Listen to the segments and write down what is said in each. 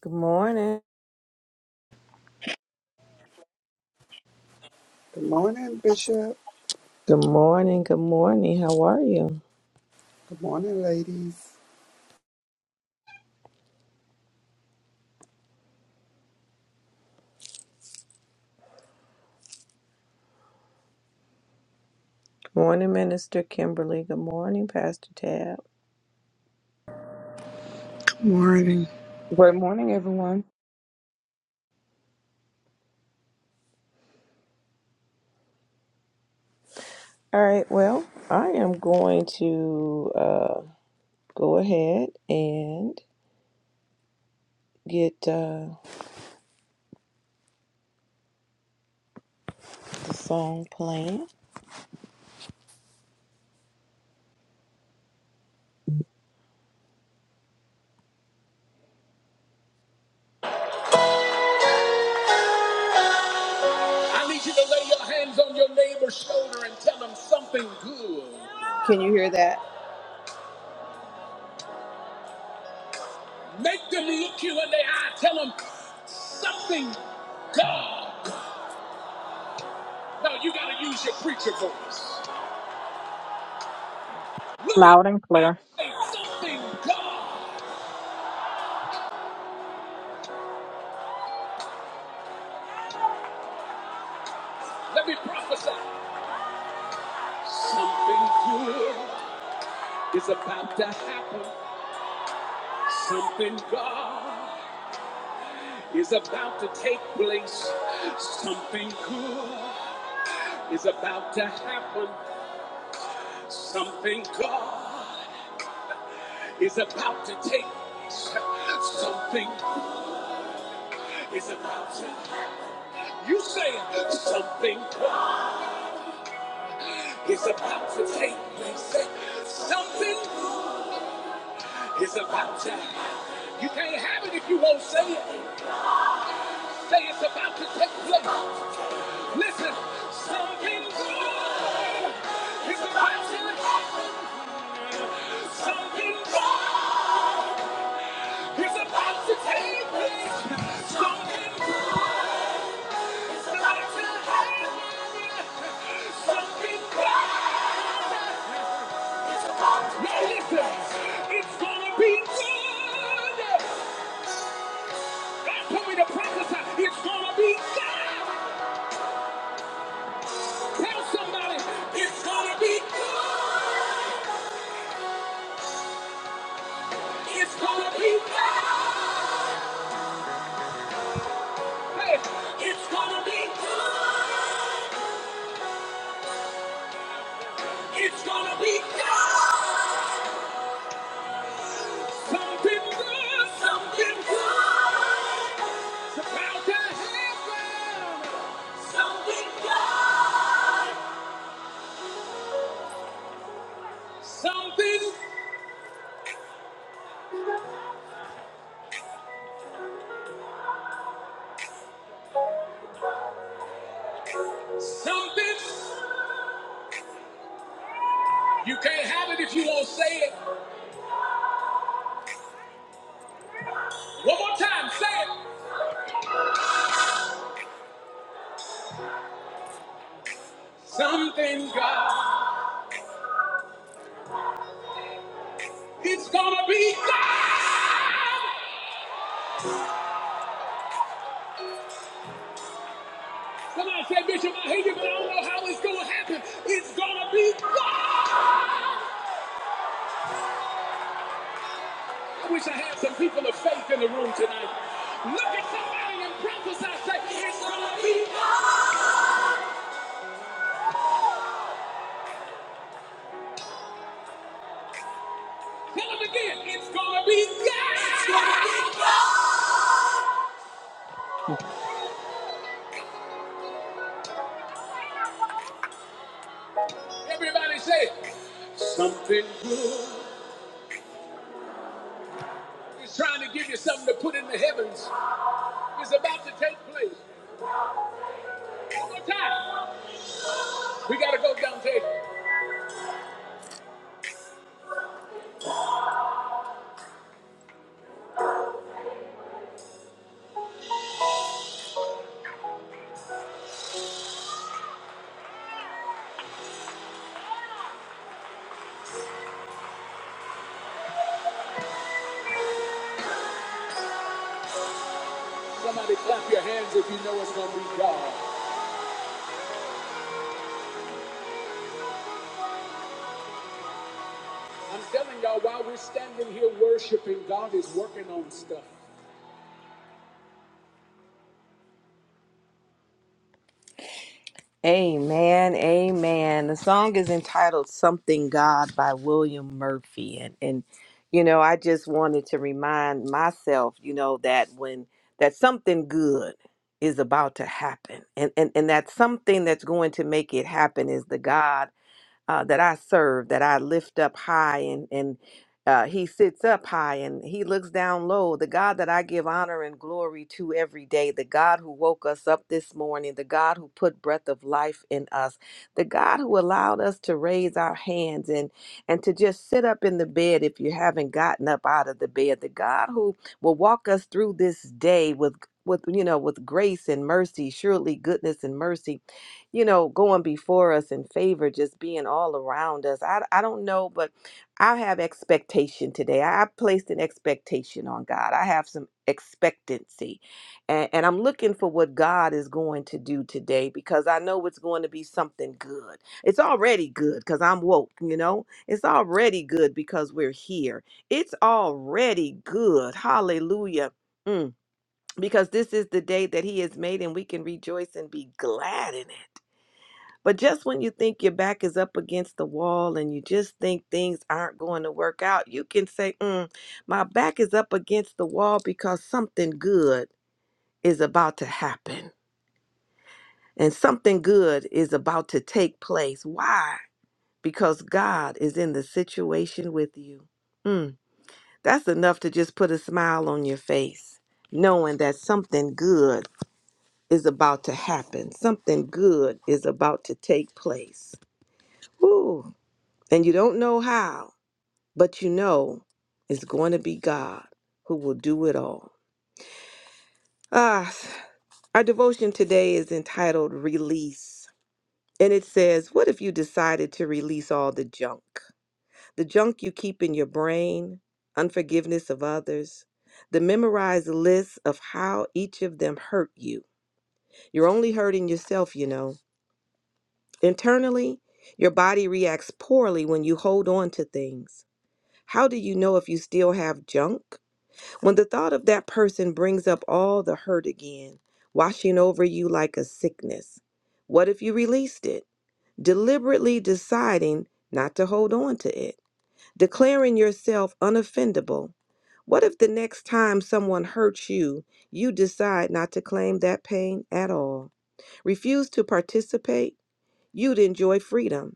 Good morning. Good morning, Bishop. Good morning. Good morning. How are you? Good morning, ladies. Good morning, Minister Kimberly. Good morning, Pastor Tab. Morning. Great morning, everyone. All right. Well, I am going to uh, go ahead and get uh, the song playing. I need you to lay your hands on your neighbor's shoulder and tell them something good. Can you hear that? Make them look you in the eye. Tell them something God. No, you got to use your preacher voice. Look at Loud and clear. Something God, let me prophesy. Something good is about to happen. Something God is about to take place. Something good is about to happen. Something God is about to take place. Something is about to. You say it. something God is about to take place. Something It's about time. You can't have it if you won't say it. Say it's about to take place. Listen, something good is about to happen. Something good is about to take place. Something good is about to happen. Something good. Now listen, it's gonna be good. God told me to prophesy. It's gonna be good. Tell somebody it's gonna be good. It's gonna be good. Hey, it's gonna be good. It's gonna be good. Something good. Something good. It's about to happen. Something good. Something. Something. You can't have it if you won't say it. One more time, say it. Something God. It's gonna be God. Come on, say Bishop, I hear you, but I don't know how it's gonna happen. It's gonna be God. I wish I had some people of faith in the room tonight. Look at somebody and prophesy, say, it's gonna be God. Tell them again, it's gonna be God. It's gonna be God. Everybody say, something good is trying to give you something to put in the heavens. It's about to take place. One more time. We gotta go, Dante. Somebody clap your hands if you know it's gonna be God. I'm telling y'all, while we're standing here worshiping, God is working on stuff. Amen, amen. The song is entitled Something God by William Murphy. And and you know, I just wanted to remind myself, you know, that when that something good is about to happen. And and, and that something that's going to make it happen is the God uh, that I serve, that I lift up high, and and uh, He sits up high and He looks down low. The God that I give honor and glory to every day, the God who woke us up this morning, the God who put breath of life in us, the God who allowed us to raise our hands and and to just sit up in the bed if you haven't gotten up out of the bed, the God who will walk us through this day with with you know with grace and mercy surely goodness and mercy you know, going before us in favor, just being all around us. I, I don't know, but I have expectation today. I, I placed an expectation on God. I have some expectancy. And, and I'm looking for what God is going to do today because I know it's going to be something good. It's already good because I'm woke, you know? It's already good because we're here. It's already good. Hallelujah. Mm, Because this is the day that He has made and we can rejoice and be glad in it. But just when you think your back is up against the wall and you just think things aren't going to work out, you can say, mm, My back is up against the wall because something good is about to happen and something good is about to take place. Why? Because God is in the situation with you. Mm, that's enough to just put a smile on your face, knowing that something good is about to happen, something good is about to take place. Woo. And you don't know how, but you know it's going to be God who will do it all. Ah, our devotion today is entitled Release. And it says, What if you decided to release all the junk? The junk you keep in your brain, unforgiveness of others, the memorized list of how each of them hurt you. You're only hurting yourself, you know. Internally, your body reacts poorly when you hold on to things. How do you know if you still have junk? When the thought of that person brings up all the hurt again, washing over you like a sickness, what if you released it, deliberately deciding not to hold on to it, declaring yourself unoffendable? What if the next time someone hurts you, you decide not to claim that pain at all? Refuse to participate? You'd enjoy freedom.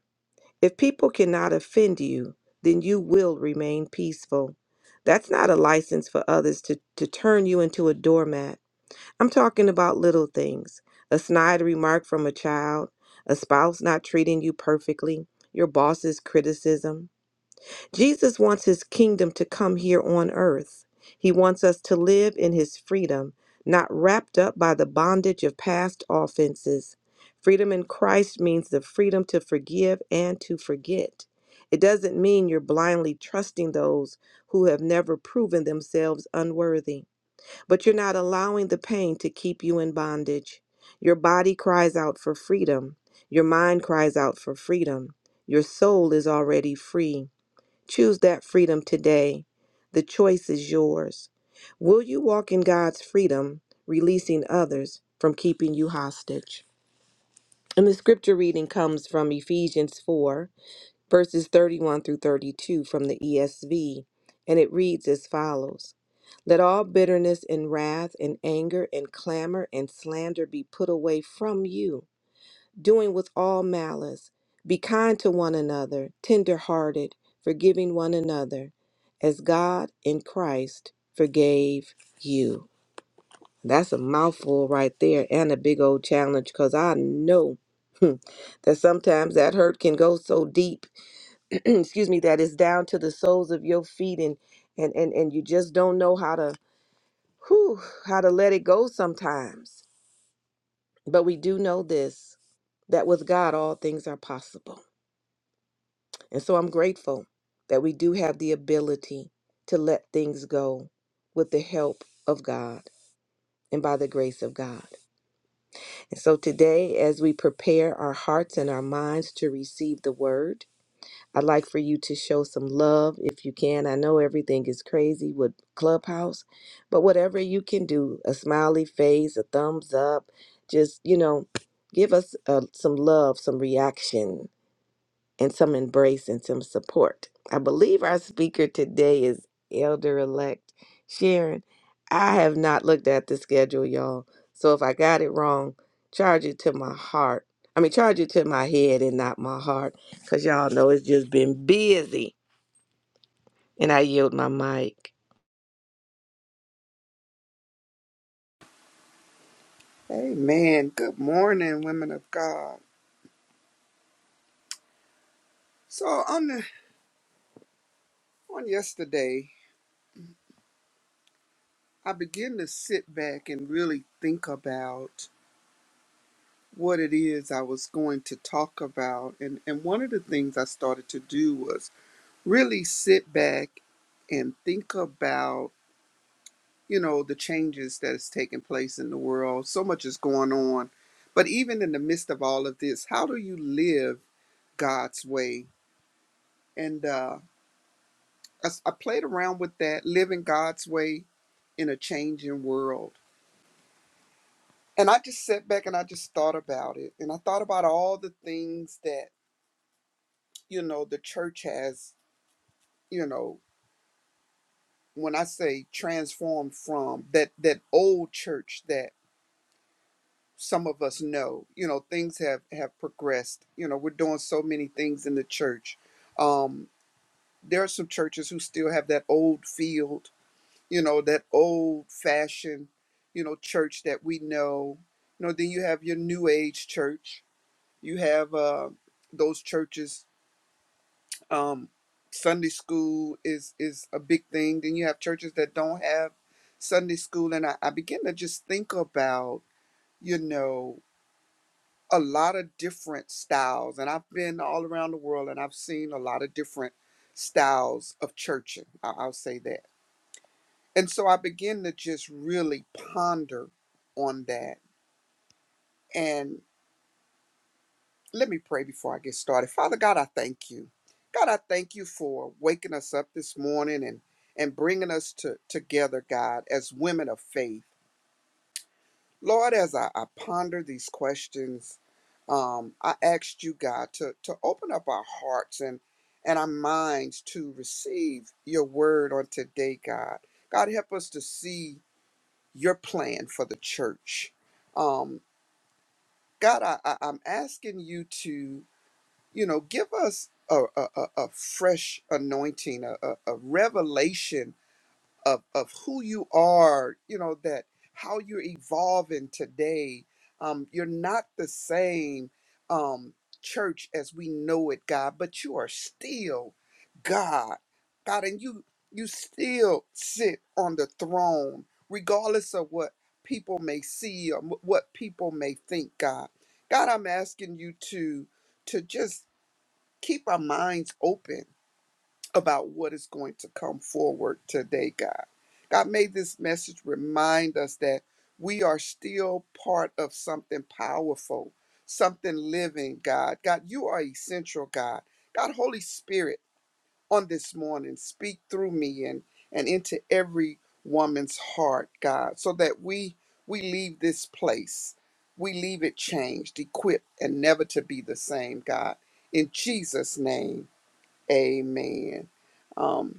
If people cannot offend you, then you will remain peaceful. That's not a license for others to, to turn you into a doormat. I'm talking about little things a snide remark from a child, a spouse not treating you perfectly, your boss's criticism. Jesus wants his kingdom to come here on earth. He wants us to live in his freedom, not wrapped up by the bondage of past offenses. Freedom in Christ means the freedom to forgive and to forget. It doesn't mean you're blindly trusting those who have never proven themselves unworthy, but you're not allowing the pain to keep you in bondage. Your body cries out for freedom, your mind cries out for freedom, your soul is already free. Choose that freedom today. The choice is yours. Will you walk in God's freedom, releasing others from keeping you hostage? And the scripture reading comes from Ephesians 4, verses 31 through 32 from the ESV, and it reads as follows Let all bitterness and wrath and anger and clamor and slander be put away from you doing with all malice. Be kind to one another, tender-hearted, forgiving one another, as God in Christ forgave you. That's a mouthful right there and a big old challenge because I know that sometimes that hurt can go so deep, excuse me, that it's down to the soles of your feet and and and, and you just don't know how to whew, how to let it go sometimes. But we do know this that with God all things are possible. And so I'm grateful that we do have the ability to let things go with the help of God and by the grace of God. And so today, as we prepare our hearts and our minds to receive the word, I'd like for you to show some love if you can. I know everything is crazy with Clubhouse, but whatever you can do a smiley face, a thumbs up, just, you know, give us uh, some love, some reaction and some embrace and some support. I believe our speaker today is Elder Elect Sharon. I have not looked at the schedule, y'all. So if I got it wrong, charge it to my heart. I mean, charge it to my head and not my heart, because y'all know it's just been busy. And I yield my mic. Amen. Good morning, women of God. So on the, on yesterday, I began to sit back and really think about what it is I was going to talk about. And and one of the things I started to do was really sit back and think about, you know, the changes that is taking place in the world. So much is going on. But even in the midst of all of this, how do you live God's way? and uh, I, s- I played around with that, living God's way in a changing world. And I just sat back and I just thought about it, and I thought about all the things that you know the church has, you know, when I say transformed from that that old church that some of us know, you know, things have have progressed. You know, we're doing so many things in the church. Um, there are some churches who still have that old feel you know, that old fashioned, you know, church that we know. You know, then you have your new age church. You have uh, those churches. Um, Sunday school is is a big thing. Then you have churches that don't have Sunday school, and I, I begin to just think about, you know, a lot of different styles. And I've been all around the world, and I've seen a lot of different styles of churching. I, I'll say that And so I begin to just really ponder on that. And let me pray before I get started. Father God, I thank you. God, I thank you for waking us up this morning and and bringing us to, together, God, as women of faith. Lord, as I, I ponder these questions, um, I asked you, God, to to open up our hearts and and our minds to receive your word on today, God. God, help us to see. your plan for the church. Um, God, I, I, I'm asking you to, you know, give us a, a, a a fresh anointing, a, a, a revelation of of who you are you know that how you're evolving today um you're not the same um church as we know it god but you are still god god and you you still sit on the throne regardless of what people may see or wh- what people may think god god i'm asking you to to just keep our minds open about what is going to come forward today god God, may this message remind us that we are still part of something powerful, something living, God. God, you are essential, God. God, Holy Spirit, on this morning, speak through me and, and into every woman's heart, God, so that we we leave this place. We leave it changed, equipped, and never to be the same, God. In Jesus' name, amen. Um,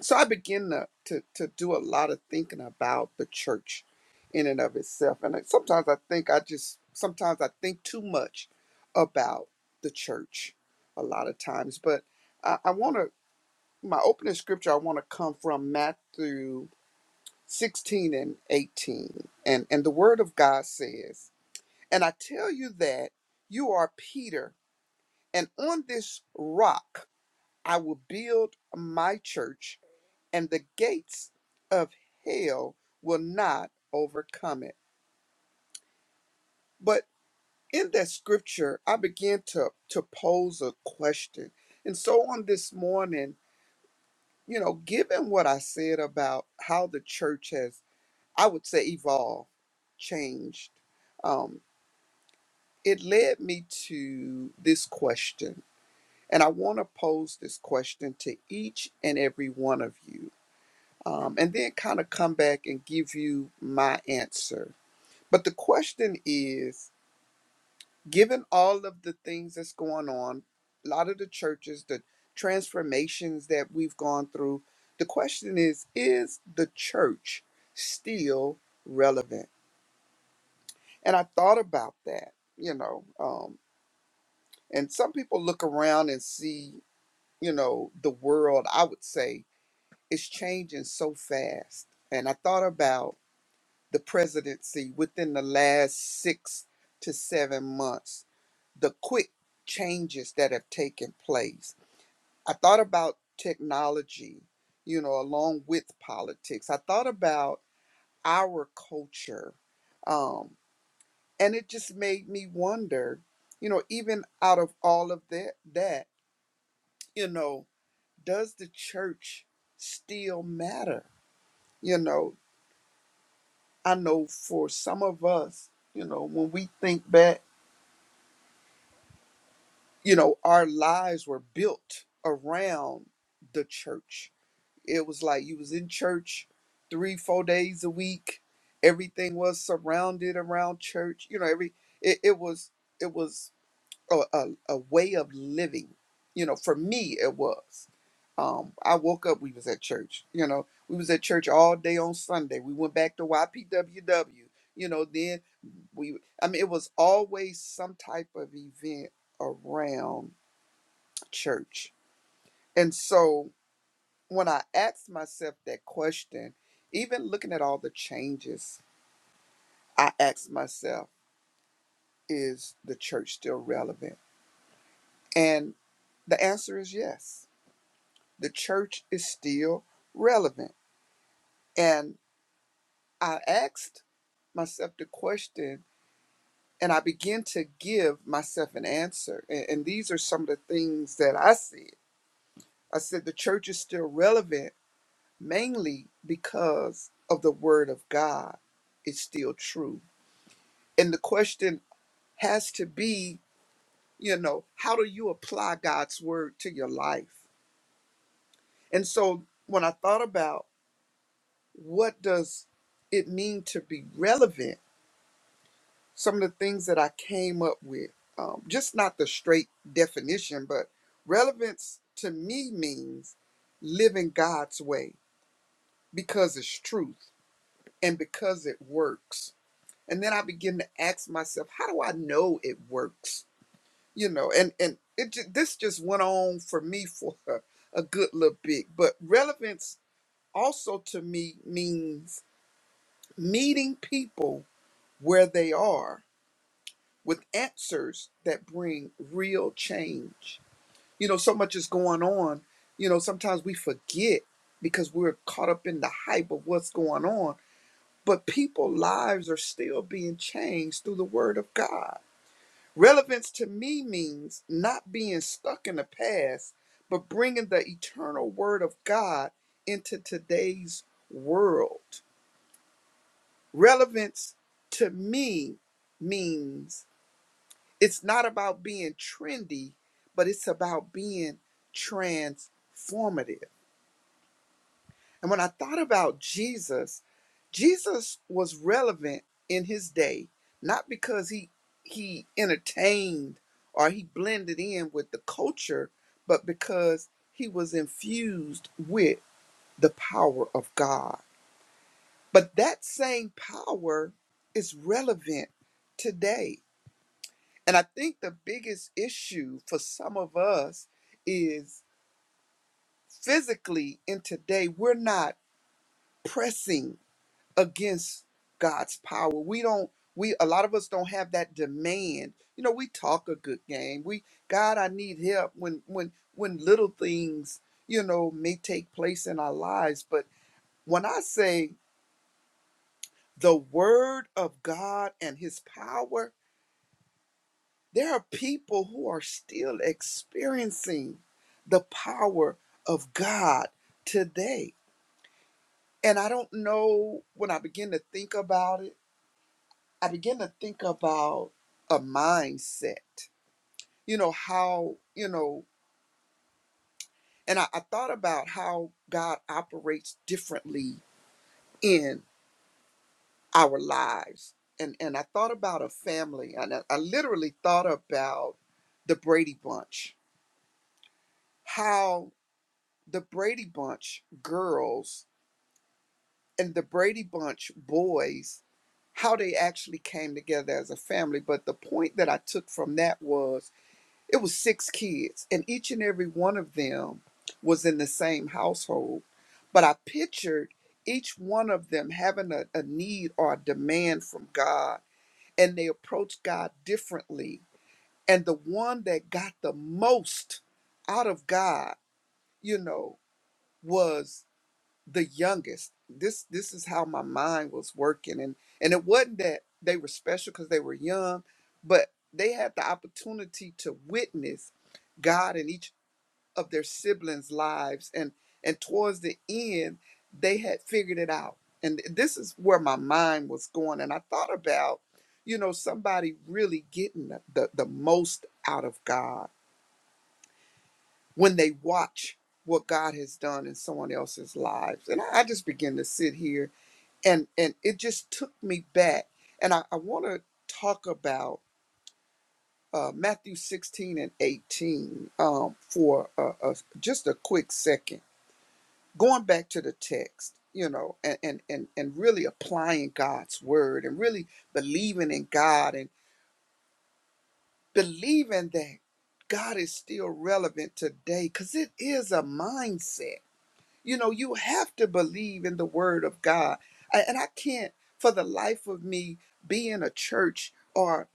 so I begin to, to to do a lot of thinking about the church in and of itself, and I- sometimes I think I just sometimes I think too much about the church a lot of times. But I, I want to my opening scripture I want to come from Matthew sixteen and eighteen, and and the Word of God says, "And I tell you that you are Peter, and on this rock I will build my church." and the gates of hell will not overcome it. But in that scripture, I began to, to pose a question. And so on this morning, you know, given what I said about how the church has, I would say, evolved, changed, um, it led me to this question. And I want to pose this question to each and every one of you, um, and then kind of come back and give you my answer But the question is, given all of the things that's going on, a lot of the churches, the transformations that we've gone through, the question is, is the church still relevant? And I thought about that, you know, um, and some people look around and see, you know, the world, I would say, is changing so fast. And I thought about the presidency within the last six to seven months, the quick changes that have taken place. I thought about technology, you know, along with politics. I thought about our culture. Um, and it just made me wonder, you know, even out of all of that, that, you know, does the church still matter? You know, I know for some of us, you know, when we think back you know, our lives were built around the church. It was like you was in church three, four days a week. Everything was surrounded around church. You know, every it, it was it was a, a, a way of living. You know, for me it was. Um, I woke up, we was at church. You know, we was at church all day on Sunday. We went back to YPWW. You know, then we I mean it was always some type of event around church. And so when I asked myself that question, even looking at all the changes, I asked myself, is the church still relevant? And the answer is yes. The church is still relevant. And I asked myself the question and I began to give myself an answer. And, and these are some of the things that I said. I said, the church is still relevant mainly because of the word of God is still true. And the question has to be, you know, how do you apply God's word to your life? And so when I thought about what does it mean to be relevant, some of the things that I came up with, um, just not the straight definition, but relevance to me means living God's way because it's truth and because it works and then i begin to ask myself how do i know it works you know and and it ju- this just went on for me for a, a good little bit but relevance also to me means meeting people where they are with answers that bring real change you know so much is going on you know sometimes we forget because we're caught up in the hype of what's going on but people lives are still being changed through the word of god Relevance to me means not being stuck in the past, but bringing the eternal word of God into today's world. Relevance to me means it's not about being trendy, but it's about being transformative. And when I thought about Jesus, Jesus was relevant in his day, not because he he entertained or he blended in with the culture, but because he was infused with the power of God. But that same power is relevant today. And I think the biggest issue for some of us is physically in today, we're not pressing against God's power. We don't we a lot of us don't have that demand. You know, we talk a good game. We God, I need help when when when little things, you know, may take place in our lives, but when I say the word of God and his power, there are people who are still experiencing the power of God today. And I don't know when I begin to think about it I began to think about a mindset, you know, how, you know, and I, I thought about how God operates differently in our lives. And, and I thought about a family, and I, I literally thought about the Brady Bunch, how the Brady Bunch girls and the Brady Bunch boys, how they actually came together as a family. But the point that I took from that was It was six kids, and each and every one of them was in the same household. But I pictured each one of them having a, a need or a demand from God, and they approached God differently. And the one that got the most out of God, you know, was the youngest. This this is how my mind was working. And and it wasn't that they were special because they were young, but they had the opportunity to witness God in each of their siblings' lives, and and towards the end, they had figured it out. And this is where my mind was going, and I thought about, you know, somebody really getting the the, the most out of God when they watch what God has done in someone else's lives. And I, I just began to sit here, and and it just took me back, and I, I want to talk about uh, Matthew 16 and 18 um, for uh, uh, just a quick second. going back to the text you know and, and and and really applying god's word and really believing in god and believing that god is still relevant today because it is a mindset you know you have to believe in the word of god A- and i can't for the life of me be in a church or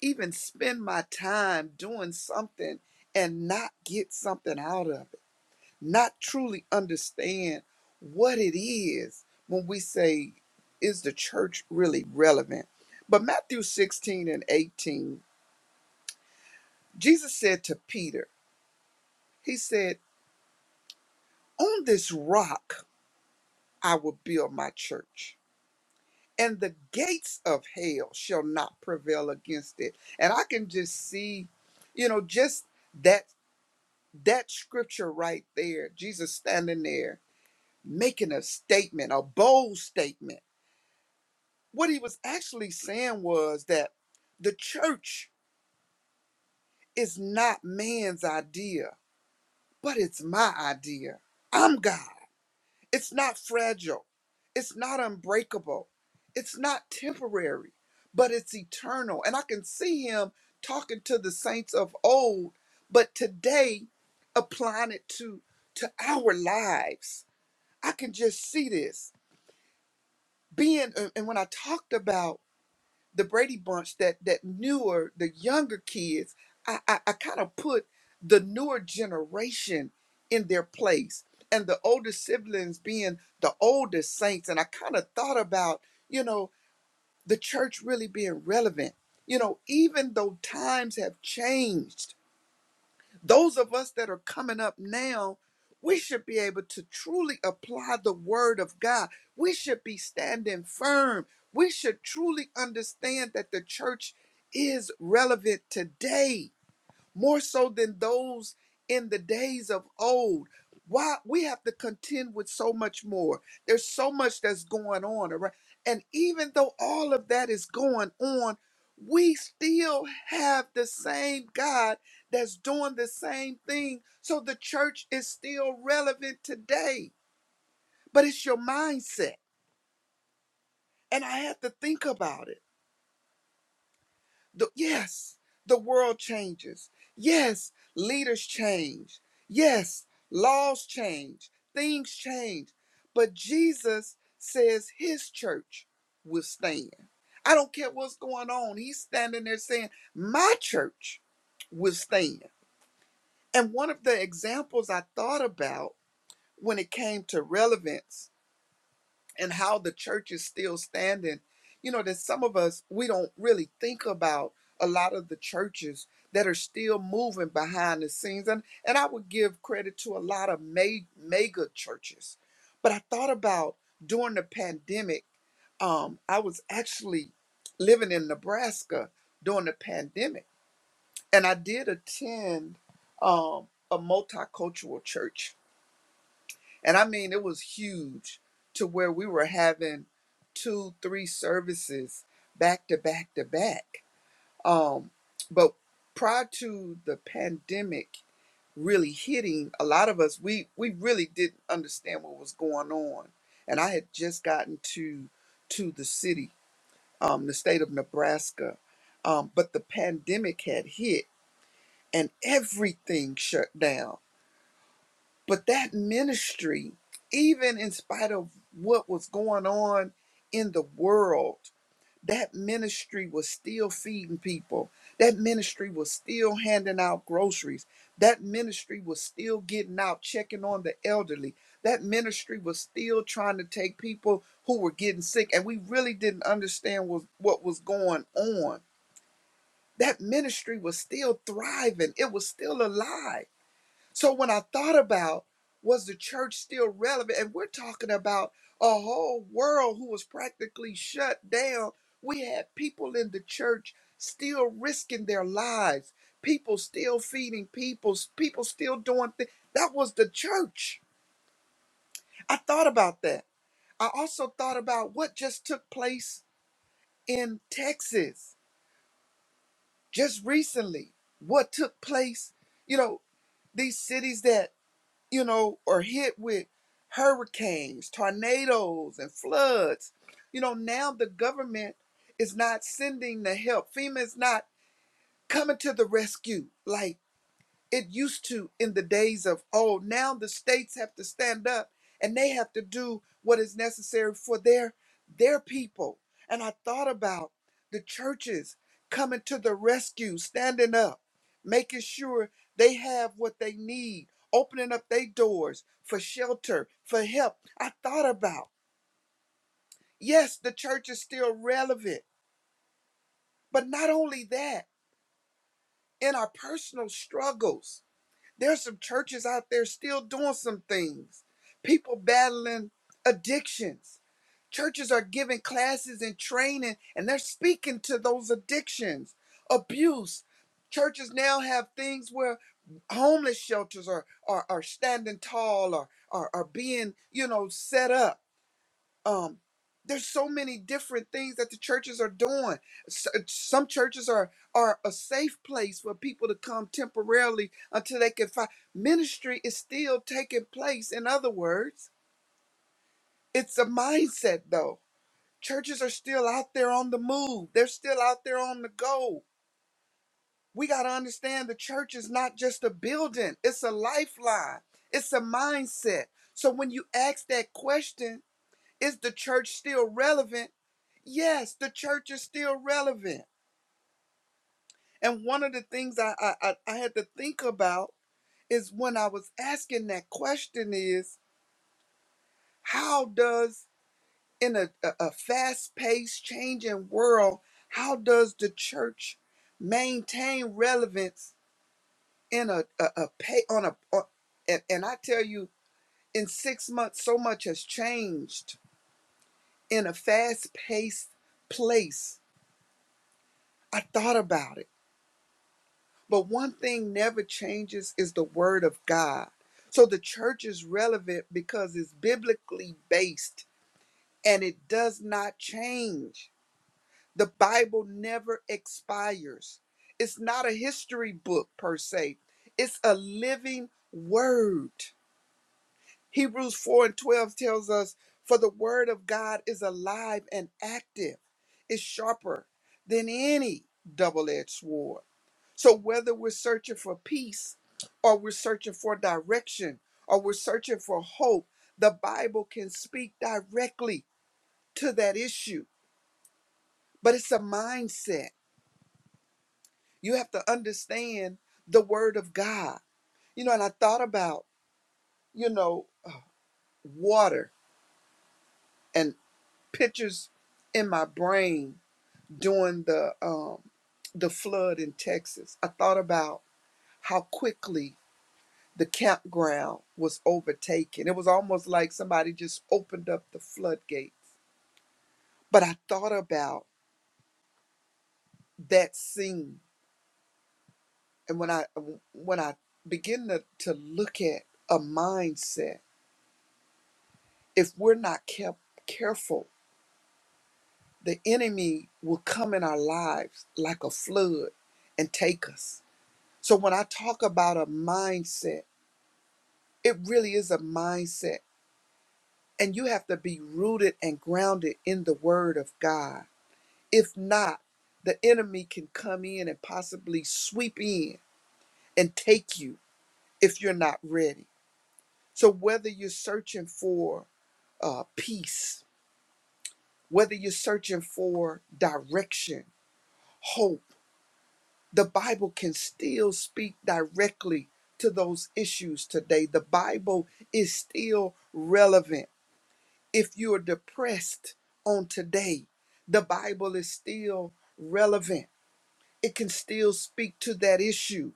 even spend my time doing something and not get something out of it not truly understand what it is when we say, is the church really relevant? But Matthew 16 and 18, Jesus said to Peter, He said, On this rock I will build my church, and the gates of hell shall not prevail against it. And I can just see, you know, just that that scripture right there, Jesus standing there making a statement, a bold statement What he was actually saying was that the church is not man's idea, but it's my idea. I'm God. It's not fragile, it's not unbreakable, it's not temporary, but it's eternal. And I can see him talking to the saints of old, but today applying it to, to our lives. I can just see this. Being, and and when I talked about the Brady Bunch, that that newer, the younger kids, I I, I kind of put the newer generation in their place, and the older siblings being the oldest saints. And I kind of thought about, you know, the church really being relevant. You know, even though times have changed those of us that are coming up now, we should be able to truly apply the word of God. We should be standing firm. We should truly understand that the church is relevant today more so than those in the days of old. Why we have to contend with so much more. There's so much that's going on around. And even though all of that is going on, we still have the same God that's doing the same thing. So the church is still relevant today. But it's your mindset. And I had to think about it. The, yes, the world changes. Yes, leaders change. Yes, laws change. Things change. But Jesus says his church will stand. I don't care what's going on. He's standing there saying, My church will stand. And one of the examples I thought about when it came to relevance and how the church is still standing. You know, that some of us, we don't really think about a lot of the churches that are still moving behind the scenes. And, and I would give credit to a lot of ma- mega churches. But I thought about during the pandemic, um, I was actually living in Nebraska during the pandemic, and I did attend um, a multicultural church and I mean, it was huge to where we were having two, three services back to back to back. Um, but prior to the pandemic really hitting, a lot of us, we, we really didn't understand what was going on. And I had just gotten to, to the city, um, the state of Nebraska. Um, but the pandemic had hit and everything shut down but that ministry, even in spite of what was going on in the world, that ministry was still feeding people. That ministry was still handing out groceries. That ministry was still getting out, checking on the elderly. That ministry was still trying to take people who were getting sick, and we really didn't understand was, what was going on. That ministry was still thriving, it was still alive so when I thought about was the church still relevant, and we're talking about a whole world who was practically shut down, we had people in the church still risking their lives, people still feeding people, people still doing things. That was the church. I thought about that. I also thought about what just took place in Texas just recently. What took place, you know, these cities that you know, are hit with hurricanes, tornadoes, and floods. You know, now the government is not sending the help. FEMA is not coming to the rescue. Like, it used to in the days of old. Now the states have to stand up and they have to do what is necessary for their their people. And I thought about the churches coming to the rescue, standing up, making sure they have what they need, opening up their doors for shelter, for help. I thought about, yes, the church is still relevant, but not only that, in our personal struggles. There's some churches out there still doing some things. People battling addictions. Churches are giving classes and training, and they're speaking to those addictions, abuse. Churches now have things where homeless shelters are, are, are standing tall or are, are being, you know, set up um there's so many different things that the churches are doing S- uh, some churches are are a safe place for people to come temporarily until they can find ministry is still taking place in other words it's a mindset though churches are still out there on the move they're still out there on the go we got to understand the church is not just a building it's a lifeline it's a mindset so when you ask that question is the church still relevant Yes, the church is still relevant. And one of the things I, I, I had to think about is when I was asking that question is how does in a, a fast paced changing world, how does the church maintain relevance in a, a, a pay on a on, and, and I tell you in six months so much has changed in a fast paced place. I thought about it But one thing never changes is the word of God. So the church is relevant because it's biblically based and it does not change. The Bible never expires. It's not a history book per se, it's a living word. Hebrews 4 and 12 tells us, For the word of God is alive and active, it's sharper than any double edged sword so whether we're searching for peace or we're searching for direction or we're searching for hope, the Bible can speak directly to that issue. But it's a mindset. You have to understand the word of God. You know, and I thought about, you know, water and pictures in my brain during the um the flood in Texas. I thought about how quickly the campground was overtaken. It was almost like somebody just opened up the floodgates. But I thought about that scene, and when I when I begin to, to look at a mindset, if we're not kept careful, the enemy will come in our lives like a flood and take us. So when I talk about a mindset, it really is a mindset. And you have to be rooted and grounded in the word of God If not, the enemy can come in and possibly sweep in and take you if you're not ready. So, whether you're searching for uh, peace, whether you're searching for direction, hope, the Bible can still speak directly to those issues today. The Bible is still relevant. If you're depressed on today, the Bible is still relevant. It can still speak to that issue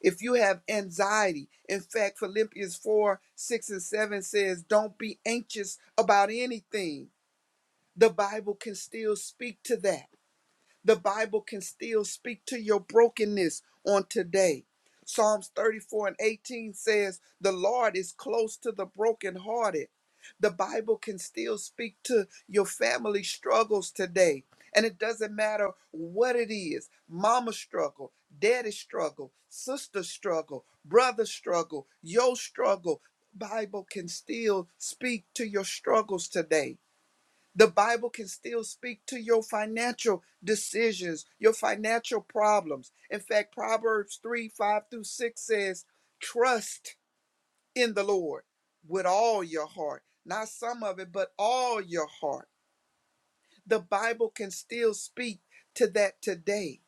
if you have anxiety. In fact, Philippians 4 6 and 7 says, Don't be anxious about anything. The Bible can still speak to that. The Bible can still speak to your brokenness on today. Psalms 34 and 18 says, The Lord is close to the brokenhearted. The Bible can still speak to your family struggles today. And it doesn't matter what it is mama struggle, daddy struggle, sister struggle, brother struggle, your struggle. Bible can still speak to your struggles today. The Bible can still speak to your financial decisions, your financial problems. In fact, Proverbs 3 5 through 6 says, Trust in the Lord with all your heart, not some of it, but all your heart. The Bible can still speak to that today.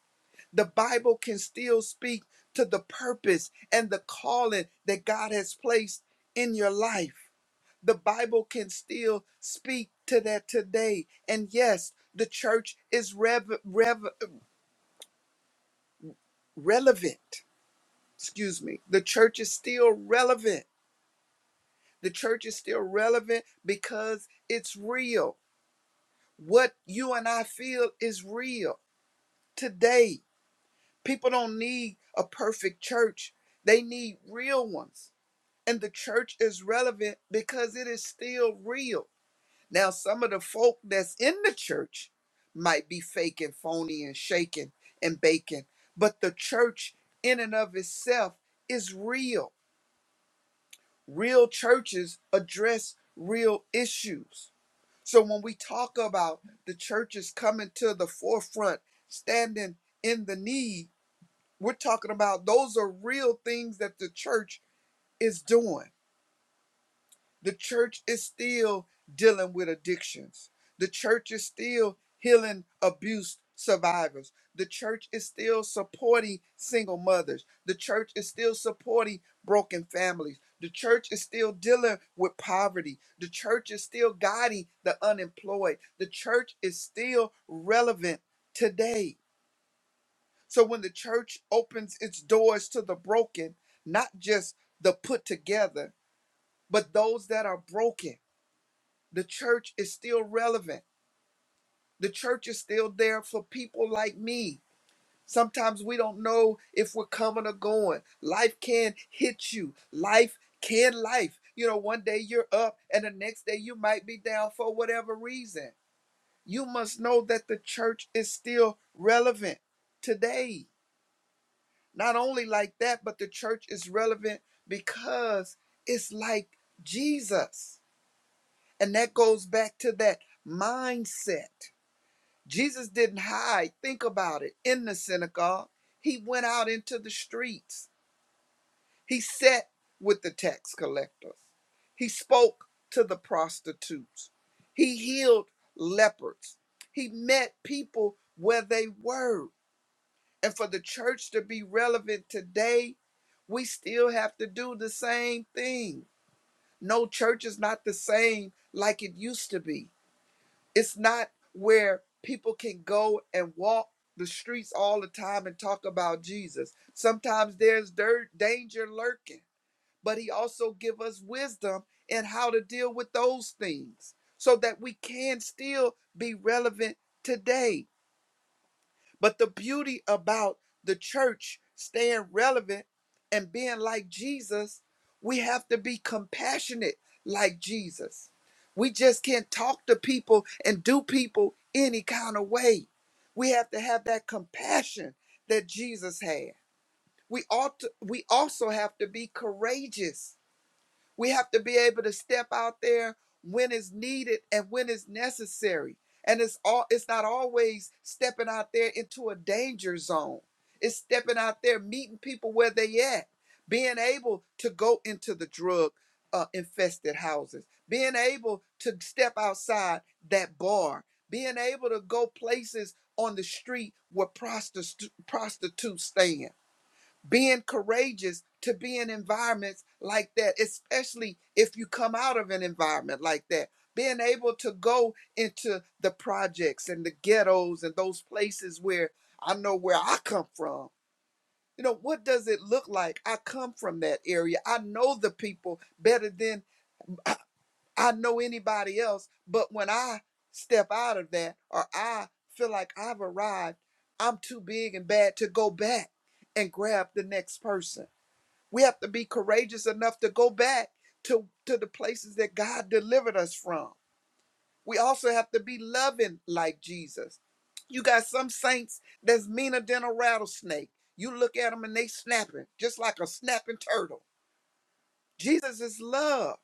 The Bible can still speak to the purpose and the calling that God has placed in your life. The Bible can still speak to that today. And yes, the church is rev- rev- relevant. Excuse me. The church is still relevant. The church is still relevant because it's real. What you and I feel is real today. People don't need a perfect church, they need real ones. And the church is relevant because it is still real. Now, some of the folk that's in the church might be fake and phony and shaking and baking, but the church in and of itself is real. Real churches address real issues. So when we talk about the churches coming to the forefront, standing in the need, we're talking about those are real things that the church is doing The church is still dealing with addictions. The church is still healing abuse survivors. The church is still supporting single mothers. The church is still supporting broken families. The church is still dealing with poverty. The church is still guiding the unemployed. The church is still relevant today. So when the church opens its doors to the broken, not just the put together, but those that are broken the church is still relevant. The church is still there for people like me. Sometimes we don't know if we're coming or going. Life can hit you. Life can life. You know, one day you're up and the next day you might be down for whatever reason. You must know that the church is still relevant today. Not only like that, but the church is relevant because it's like Jesus. And that goes back to that mindset Jesus didn't hide. Think about it. In the synagogue, he went out into the streets. He sat with the tax collectors. He spoke to the prostitutes. He healed lepers. He met people where they were. And for the church to be relevant today, we still have to do the same thing. No church is not the same like it used to be. It's not where people can go and walk the streets all the time and talk about Jesus. Sometimes there's dirt, danger lurking, but he also give us wisdom in how to deal with those things so that we can still be relevant today. But the beauty about the church staying relevant and being like Jesus, we have to be compassionate like Jesus. We just can't talk to people and do people any kind of way. We have to have that compassion that Jesus had. We ought to, we also have to be courageous we have to be able to step out there when it's needed and when it's necessary. And it's all it's not always stepping out there into a danger zone. It's stepping out there, meeting people where they at, being able to go into the drug uh, infested houses, being able to step outside that bar, being able to go places on the street where prostit- prostitutes stand being courageous to be in environments like that, especially if you come out of an environment like that. Being able to go into the projects and the ghettos and those places where I know where I come from. You know, what does it look like? I come from that area. I know the people better than I I know anybody else, but when I step out of that or I feel like I've arrived, I'm too big and bad to go back and grab the next person. We have to be courageous enough to go back to, to the places that God delivered us from. We also have to be loving like Jesus. You got some saints that's meaner than a rattlesnake. You look at them and they snapping, just like a snapping turtle. Jesus is love,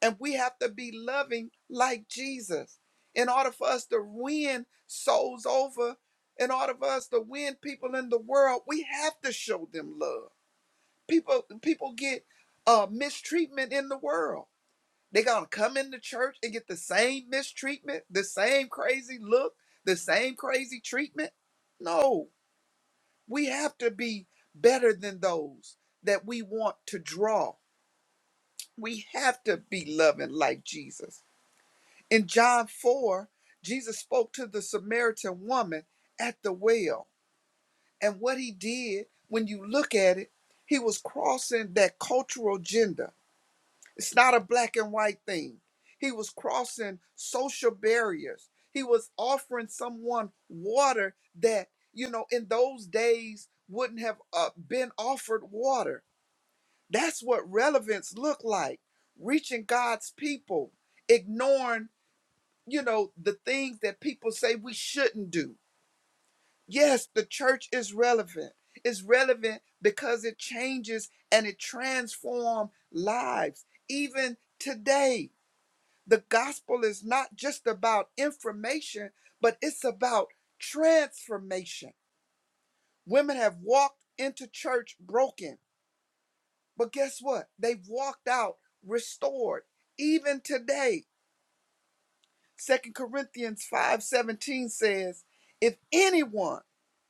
and we have to be loving like Jesus. In order for us to win souls over, in order for us to win people in the world, we have to show them love people people get uh mistreatment in the world they gonna come into church and get the same mistreatment the same crazy look the same crazy treatment no we have to be better than those that we want to draw we have to be loving like jesus in john 4 jesus spoke to the samaritan woman at the well and what he did when you look at it he was crossing that cultural gender It's not a black and white thing. He was crossing social barriers. He was offering someone water that, you know, in those days wouldn't have uh, been offered water. That's what relevance looked like reaching God's people, ignoring, you know, the things that people say we shouldn't do. Yes, the church is relevant. It's relevant because it changes and it transforms lives, even today. The gospel is not just about information, but it's about transformation. Women have walked into church broken, but guess what? They've walked out restored. Even today, Second Corinthians 5:17 says, if anyone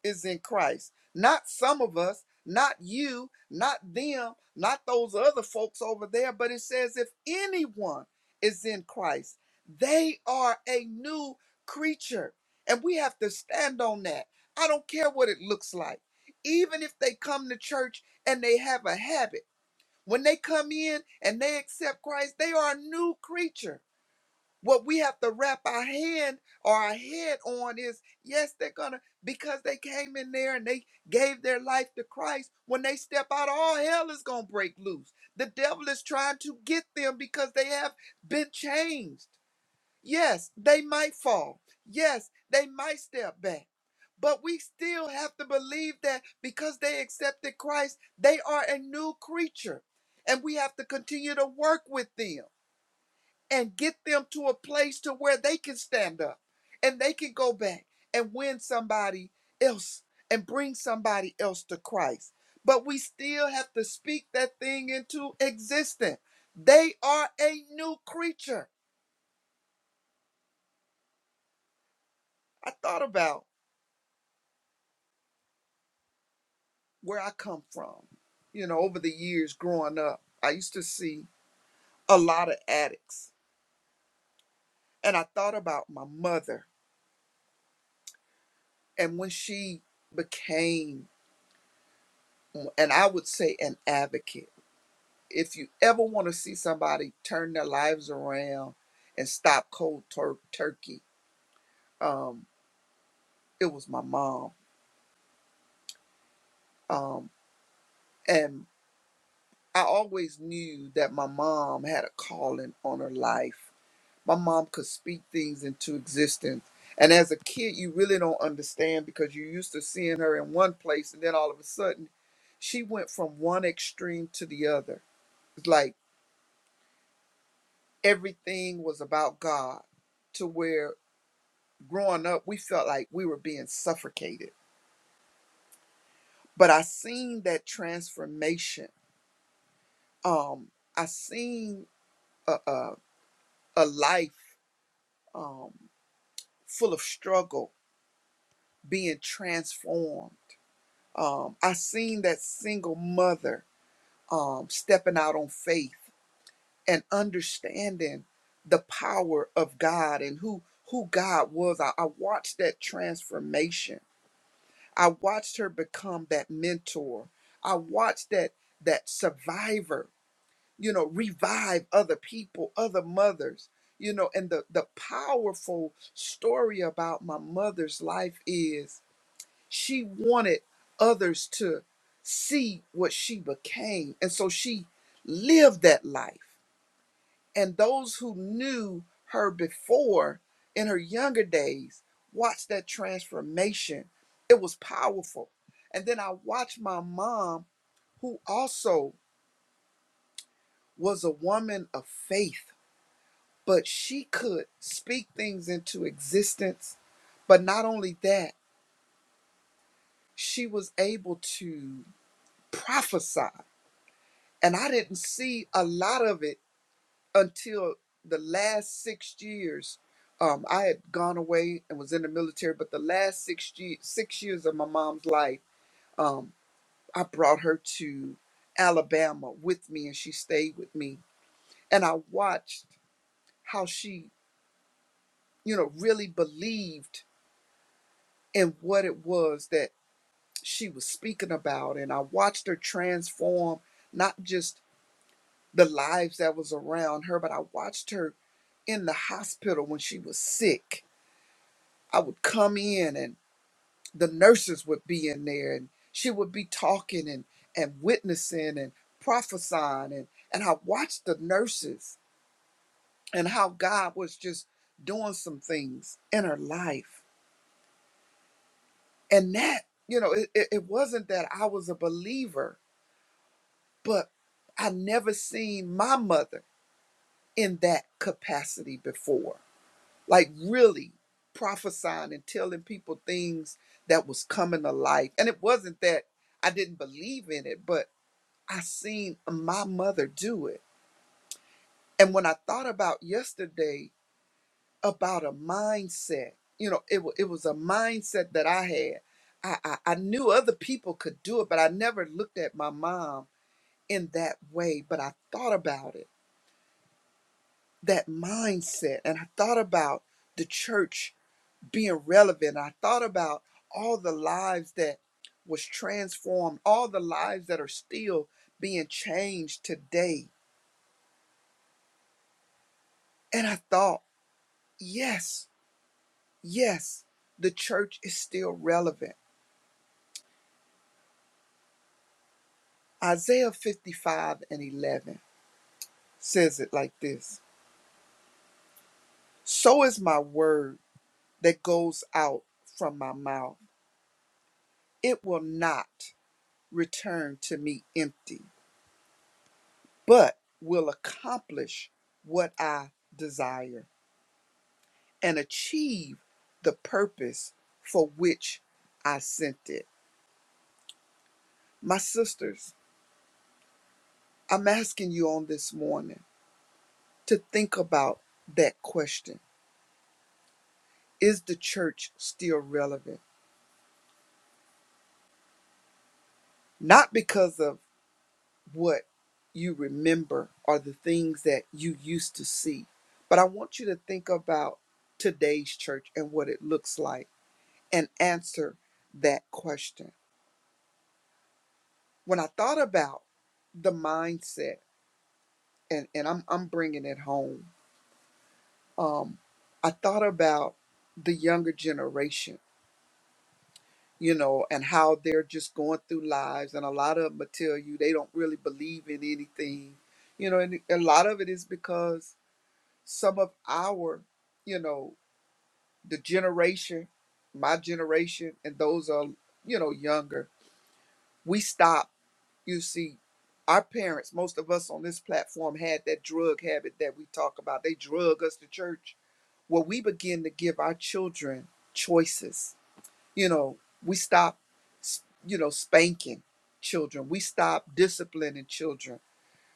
is in Christ, not some of us, not you, not them, not those other folks over there, but it says if anyone is in Christ, they are a new creature. And we have to stand on that. I don't care what it looks like. Even if they come to church and they have a habit, when they come in and they accept Christ, they are a new creature what we have to wrap our hand or our head on is yes, they're gonna because they came in there and they gave their life to Christ. When they step out, all hell is gonna break loose. The devil is trying to get them because they have been changed. Yes, they might fall. Yes, they might step back. But we still have to believe that because they accepted Christ, they are a new creature. And we have to continue to work with them and get them to a place to where they can stand up and they can go back and win somebody else and bring somebody else to Christ. But we still have to speak that thing into existence. They are a new creature. I thought about where I come from. You know, over the years growing up, I used to see a lot of addicts. And I thought about my mother and when she became, and I would say, an advocate if you ever want to see somebody turn their lives around and stop cold tur- turkey, um, it was my mom. Um, and I always knew that my mom had a calling on her life. My mom could speak things into existence. And as a kid, you really don't understand because you're used to seeing her in one place, and then all of a sudden, she went from one extreme to the other. It's like everything was about God to where growing up, we felt like we were being suffocated. But I seen that transformation. Um, I seen a, a, a life um, full of struggle being transformed. Um, I seen that single mother um, stepping out on faith and understanding the power of God and who who God was. I, I watched that transformation I watched her become that mentor. I watched that that survivor, you know, revive other people, other mothers, you know, and the the powerful story about my mother's life is she wanted others to see what she became. And so she lived that life. And those who knew her before in her younger days watched that transformation. It was powerful. And then I watched my mom, who also was a woman of faith, but she could speak things into existence. But not only that, she was able to prophesy. And I didn't see a lot of it until the last six years. Um, I had gone away and was in the military, but the last six ye- six years of my mom's life, um, I brought her to Alabama with me, and she stayed with me. And I watched how she, you know, really believed in what it was that she was speaking about, and I watched her transform not just the lives that was around her, but I watched her in the hospital when she was sick I would come in and the nurses would be in there and she would be talking and, and witnessing and prophesying and, and I watched the nurses and how God was just doing some things in her life. And that, you know, it, it, it wasn't that I was a believer, but I never seen my mother in that capacity before. like really prophesying and telling people things that was coming to life. And it wasn't that I didn't believe in it, but I seen my mother do it. And when I thought about yesterday about a mindset, you know, it, wa- it was a mindset that I had. I, I, I knew other people could do it, but I never looked at my mom in that way. But I thought about it, that mindset, and I thought about the church being relevant. I thought about all the lives that was transformed, all the lives that are still being changed today. And I thought, yes, yes, the church is still relevant. Isaiah 55 and 11 says it like this So is my word that goes out from my mouth. It will not return to me empty, but will accomplish what I desire and achieve the purpose for which I sent it. My sisters, I'm asking you on this morning to think about that question. Is the church still relevant? Not because of what you remember or the things that you used to see, but I want you to think about today's church and what it looks like and answer that question. When I thought about the mindset, and and I'm I'm bringing it home. Um, I thought about the younger generation, you know, and how they're just going through lives, and a lot of them will tell you they don't really believe in anything, you know, and a lot of it is because some of our, you know, the generation, my generation, and those are, you know, younger, we stop. You see, our parents, most of us on this platform, had that drug habit that we talk about. They drug us to church where we begin to give our children choices. You know, we stop, you know, spanking children. We stop disciplining children.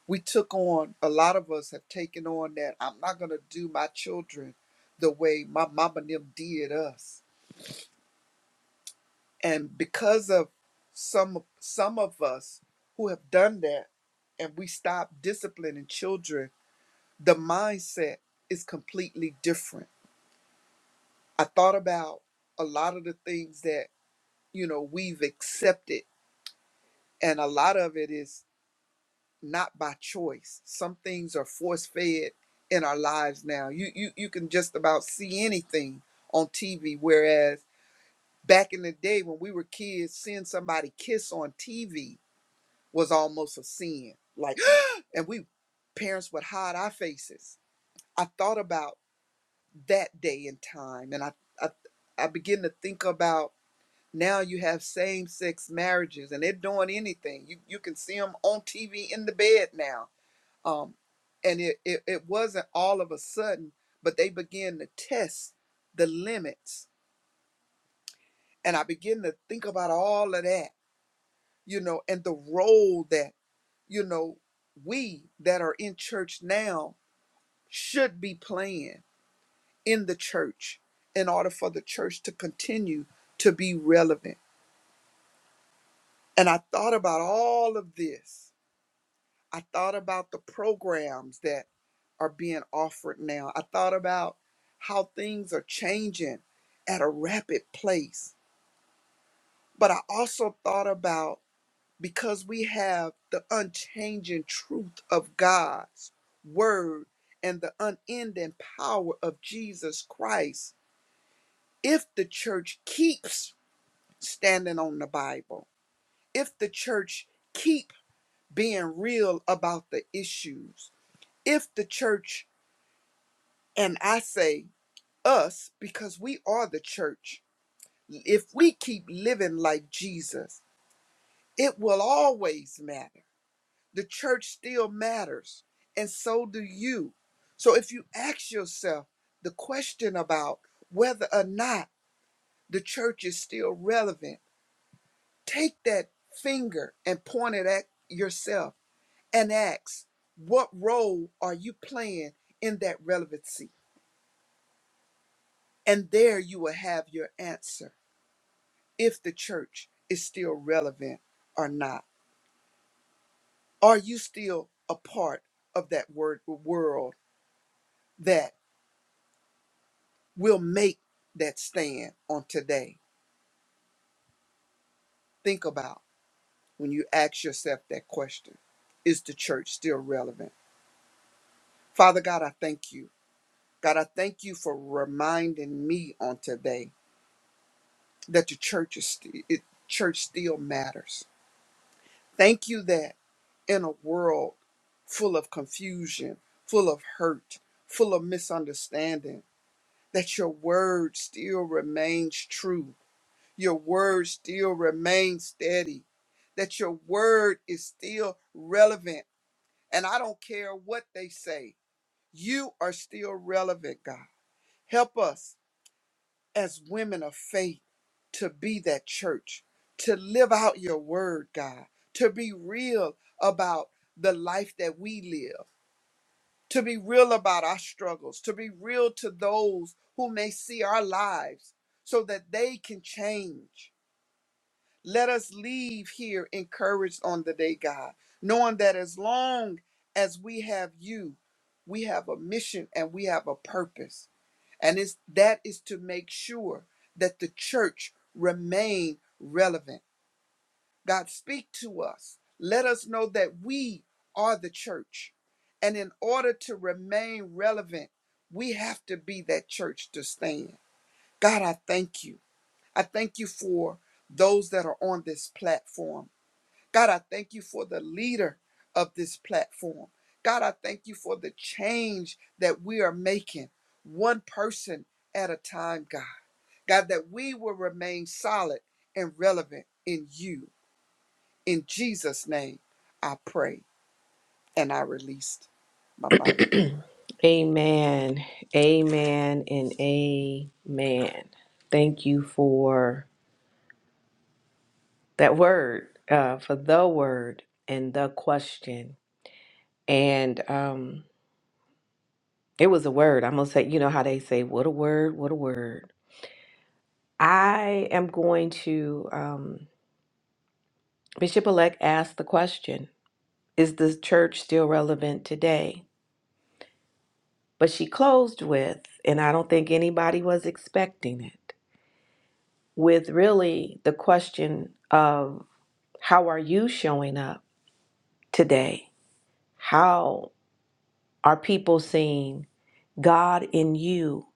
We took on, a lot of us have taken on that I'm not going to do my children the way my mama and them did us. And because of some some of us who have done that and we stop disciplining children, the mindset is completely different. I thought about a lot of the things that you know we've accepted and a lot of it is not by choice some things are force fed in our lives now you you you can just about see anything on TV whereas back in the day when we were kids seeing somebody kiss on TV was almost a sin like and we parents would hide our faces i thought about that day and time and i i, I begin to think about Now you have same-sex marriages, and they're doing anything. You you can see them on TV in the bed now. Um, and it, it it wasn't all of a sudden, but they began to test the limits, and I begin to think about all of that, you know, and the role that you know we that are in church now should be playing in the church in order for the church to continue to be relevant. And I thought about all of this I thought about the programs that are being offered now. I thought about how things are changing at a rapid pace. But I also thought about because we have the unchanging truth of God's word and the unending power of Jesus Christ, if the church keeps standing on the Bible, if the church keep being real about the issues, if the church And I say us because we are the church. If we keep living like Jesus, it will always matter. The church still matters, and so do you. So if you ask yourself the question about whether or not the church is still relevant, take that finger and point it at yourself and ask, what role are you playing in that relevancy? And there you will have your answer. if the church is still relevant or not. Are you still a part of that word world that will make that stand on today? Think about when you ask yourself that question. Is the church still relevant? Father God, I thank you. God, I thank you for reminding me on today that the church is sti- it, church still matters. Thank you that in a world full of confusion, full of hurt, full of misunderstanding, that your word still remains true, your word still remains steady, that your word is still relevant. And I don't care what they say, you are still relevant, God. Help us as women of faith to be that church, to live out your word, God, to be real about the life that we live to be real about our struggles, to be real to those who may see our lives so that they can change. Let us leave here encouraged on the day, God, knowing that as long as we have you, we have a mission and we have a purpose. And it's, that is to make sure that the church remain relevant God, speak to us. Let us know that we are the church. And in order to remain relevant, we have to be that church to stand. God, I thank you. I thank you for those that are on this platform. God, I thank you for the leader of this platform. God, I thank you for the change that we are making, one person at a time, God. God, that we will remain solid and relevant in you. In Jesus' name, I pray and I released my mic. Amen. Amen and amen. Thank you for that word, uh, for the word and the question. and um, it was a word. I'm gonna say, you know how they say, "What a word! What a word!" I am going to um, Bishop Elect asked the question: Is the church still relevant today? But she closed with, and I don't think anybody was expecting it, with really the question of how are you showing up today? How are people seeing God in you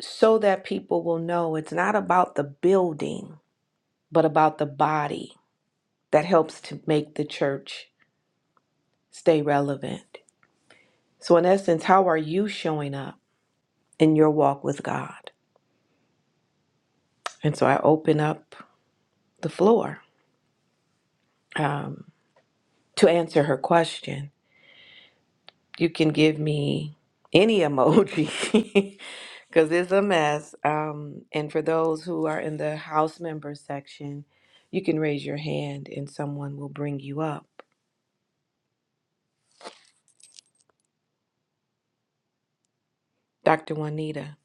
so that people will know it's not about the building, but about the body that helps to make the church stay relevant. So, in essence, how are you showing up in your walk with God? And so I open up the floor to answer her question. You can give me any emoji because it's a mess. Um, and for those who are in the house members section, you can raise your hand and someone will bring you up. Dr. Juanita,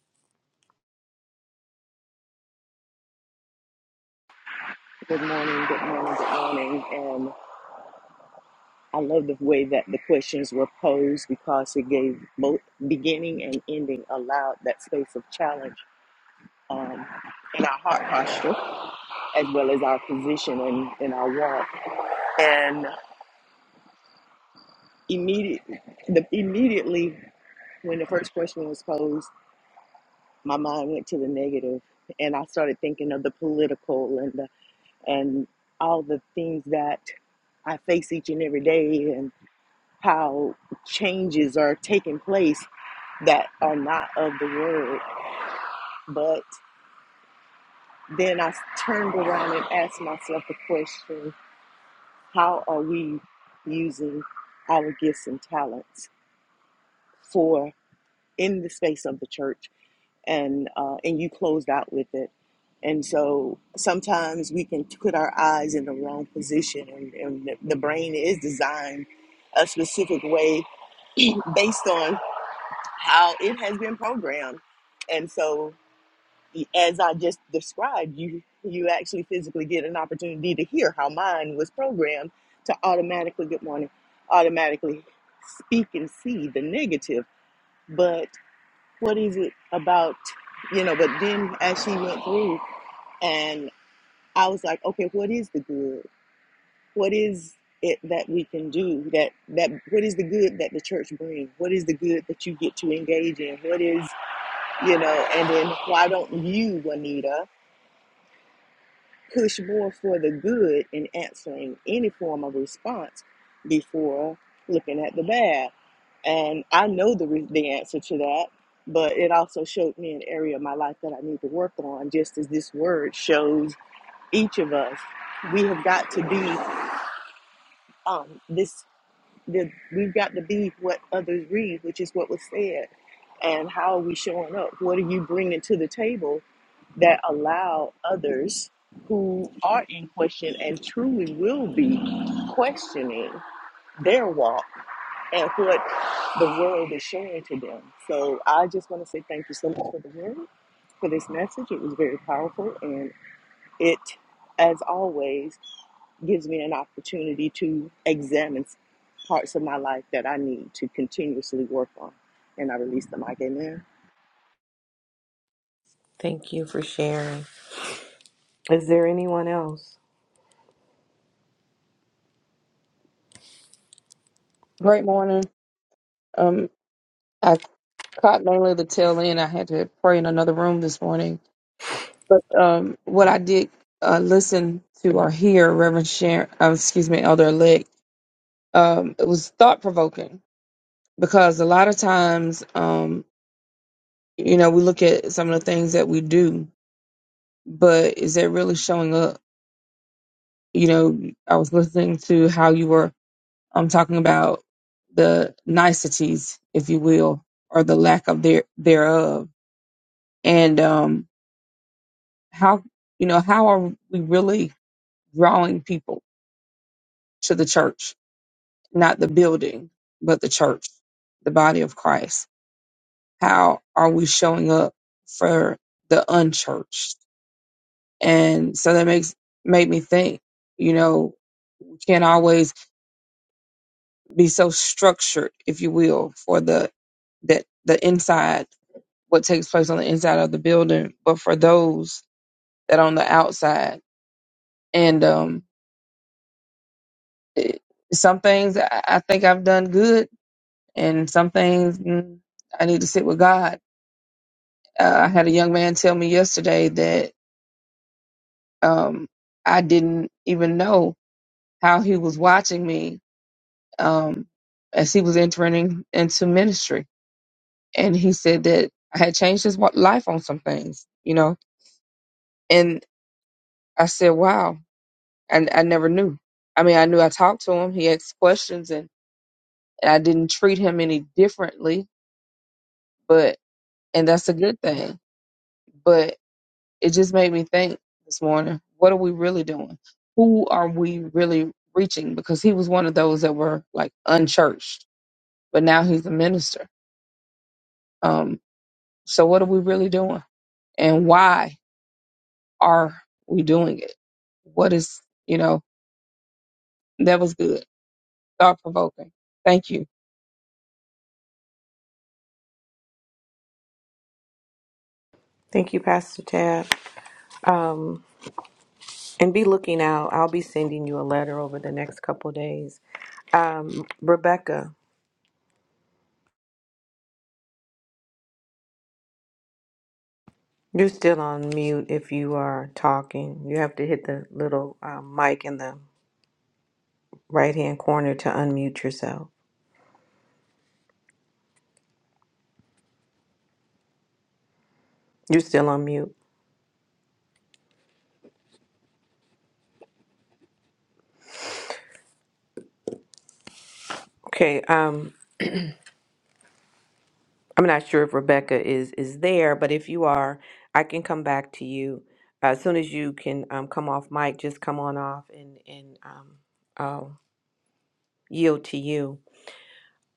Good morning, good morning, good morning. And I love the way that the questions were posed because it gave both beginning and ending allowed that space of challenge um, in our heart posture as well as our position and in our walk. And immediate, the, immediately when the first question was posed, my mind went to the negative and I started thinking of the political and the, and all the things that I face each and every day and. how changes are taking place that are not of the word. But then I turned around and asked myself the question how are we using our gifts and talents for in the space of the church? And, uh, and you closed out with it. And so sometimes we can put our eyes in the wrong position, and, and the the brain is designed a specific way based on how it has been programmed. And so, as I just described, you you actually physically get an opportunity to hear how mine was programmed to automatically good morning, automatically speak and see the negative. But what is it about, you know? But then as she went through, and I was like, okay, what is the good? What is it that we can do that that what is the good that the church brings what is the good that you get to engage in what is you know, and then why don't you, Juanita, push more for the good in answering any form of response before looking at the bad? And I know the, re- the answer to that, but it also showed me an area of my life that I need to work on, just as this word shows each of us. We have got to be um, this, the, we've got to be what others read, which is what was said. And how are we showing up? What are you bringing to the table that allow others who are in question and truly will be questioning their walk and what the world is showing to them. So I just want to say thank you so much for the word, for this message. It was very powerful and it, as always, gives me an opportunity to examine parts of my life that I need to continuously work on. And I release the mic. Amen. thank you for sharing. Is there anyone else? Great morning. Um, I caught mainly the tail end. I had to pray in another room this morning, but um, what I did uh, listen to or hear, Reverend Sharon, uh, excuse me, Elder Elect, um, it was thought provoking because a lot of times, um, you know, we look at some of the things that we do, but is that really showing up? You know, I was listening to how you were. I'm talking about the niceties, if you will, or the lack of their thereof. And um, how you know how are we really drawing people to the church, not the building, but the church, the body of Christ? How are we showing up for the unchurched? And so that makes made me think. You know, we can't always be so structured, if you will, for the that the inside what takes place on the inside of the building, but for those that are on the outside. And um, it, some things I, I think I've done good, and some things mm, I need to sit with God. Uh, I had a young man tell me yesterday that um, I didn't even know how he was watching me um, as he was entering into ministry. And he said that I had changed his wa- life on some things, you know. And I said, wow, I, I never knew. I mean, I knew I talked to him. He asked questions, and, and I didn't treat him any differently. But and that's a good thing. But it just made me think this morning: what are we really doing? Who are we really reaching? Because he was one of those that were like unchurched, but now he's a minister. Um, so what are we really doing? And why are we doing it? What is you know that was good, thought provoking. Thank you. Thank you, Pastor Tab. Um, and be looking out. I'll be sending you a letter over the next couple days. Um, Rebecca, you're still on mute if you are talking. You have to hit the little um, mic in the right hand corner to unmute yourself. You're still on mute. Okay. Um, I'm not sure if Rebecca is is there, but if you are, I can come back to you as soon as you can um, come off mic. Just come on off and and um, I'll yield to you.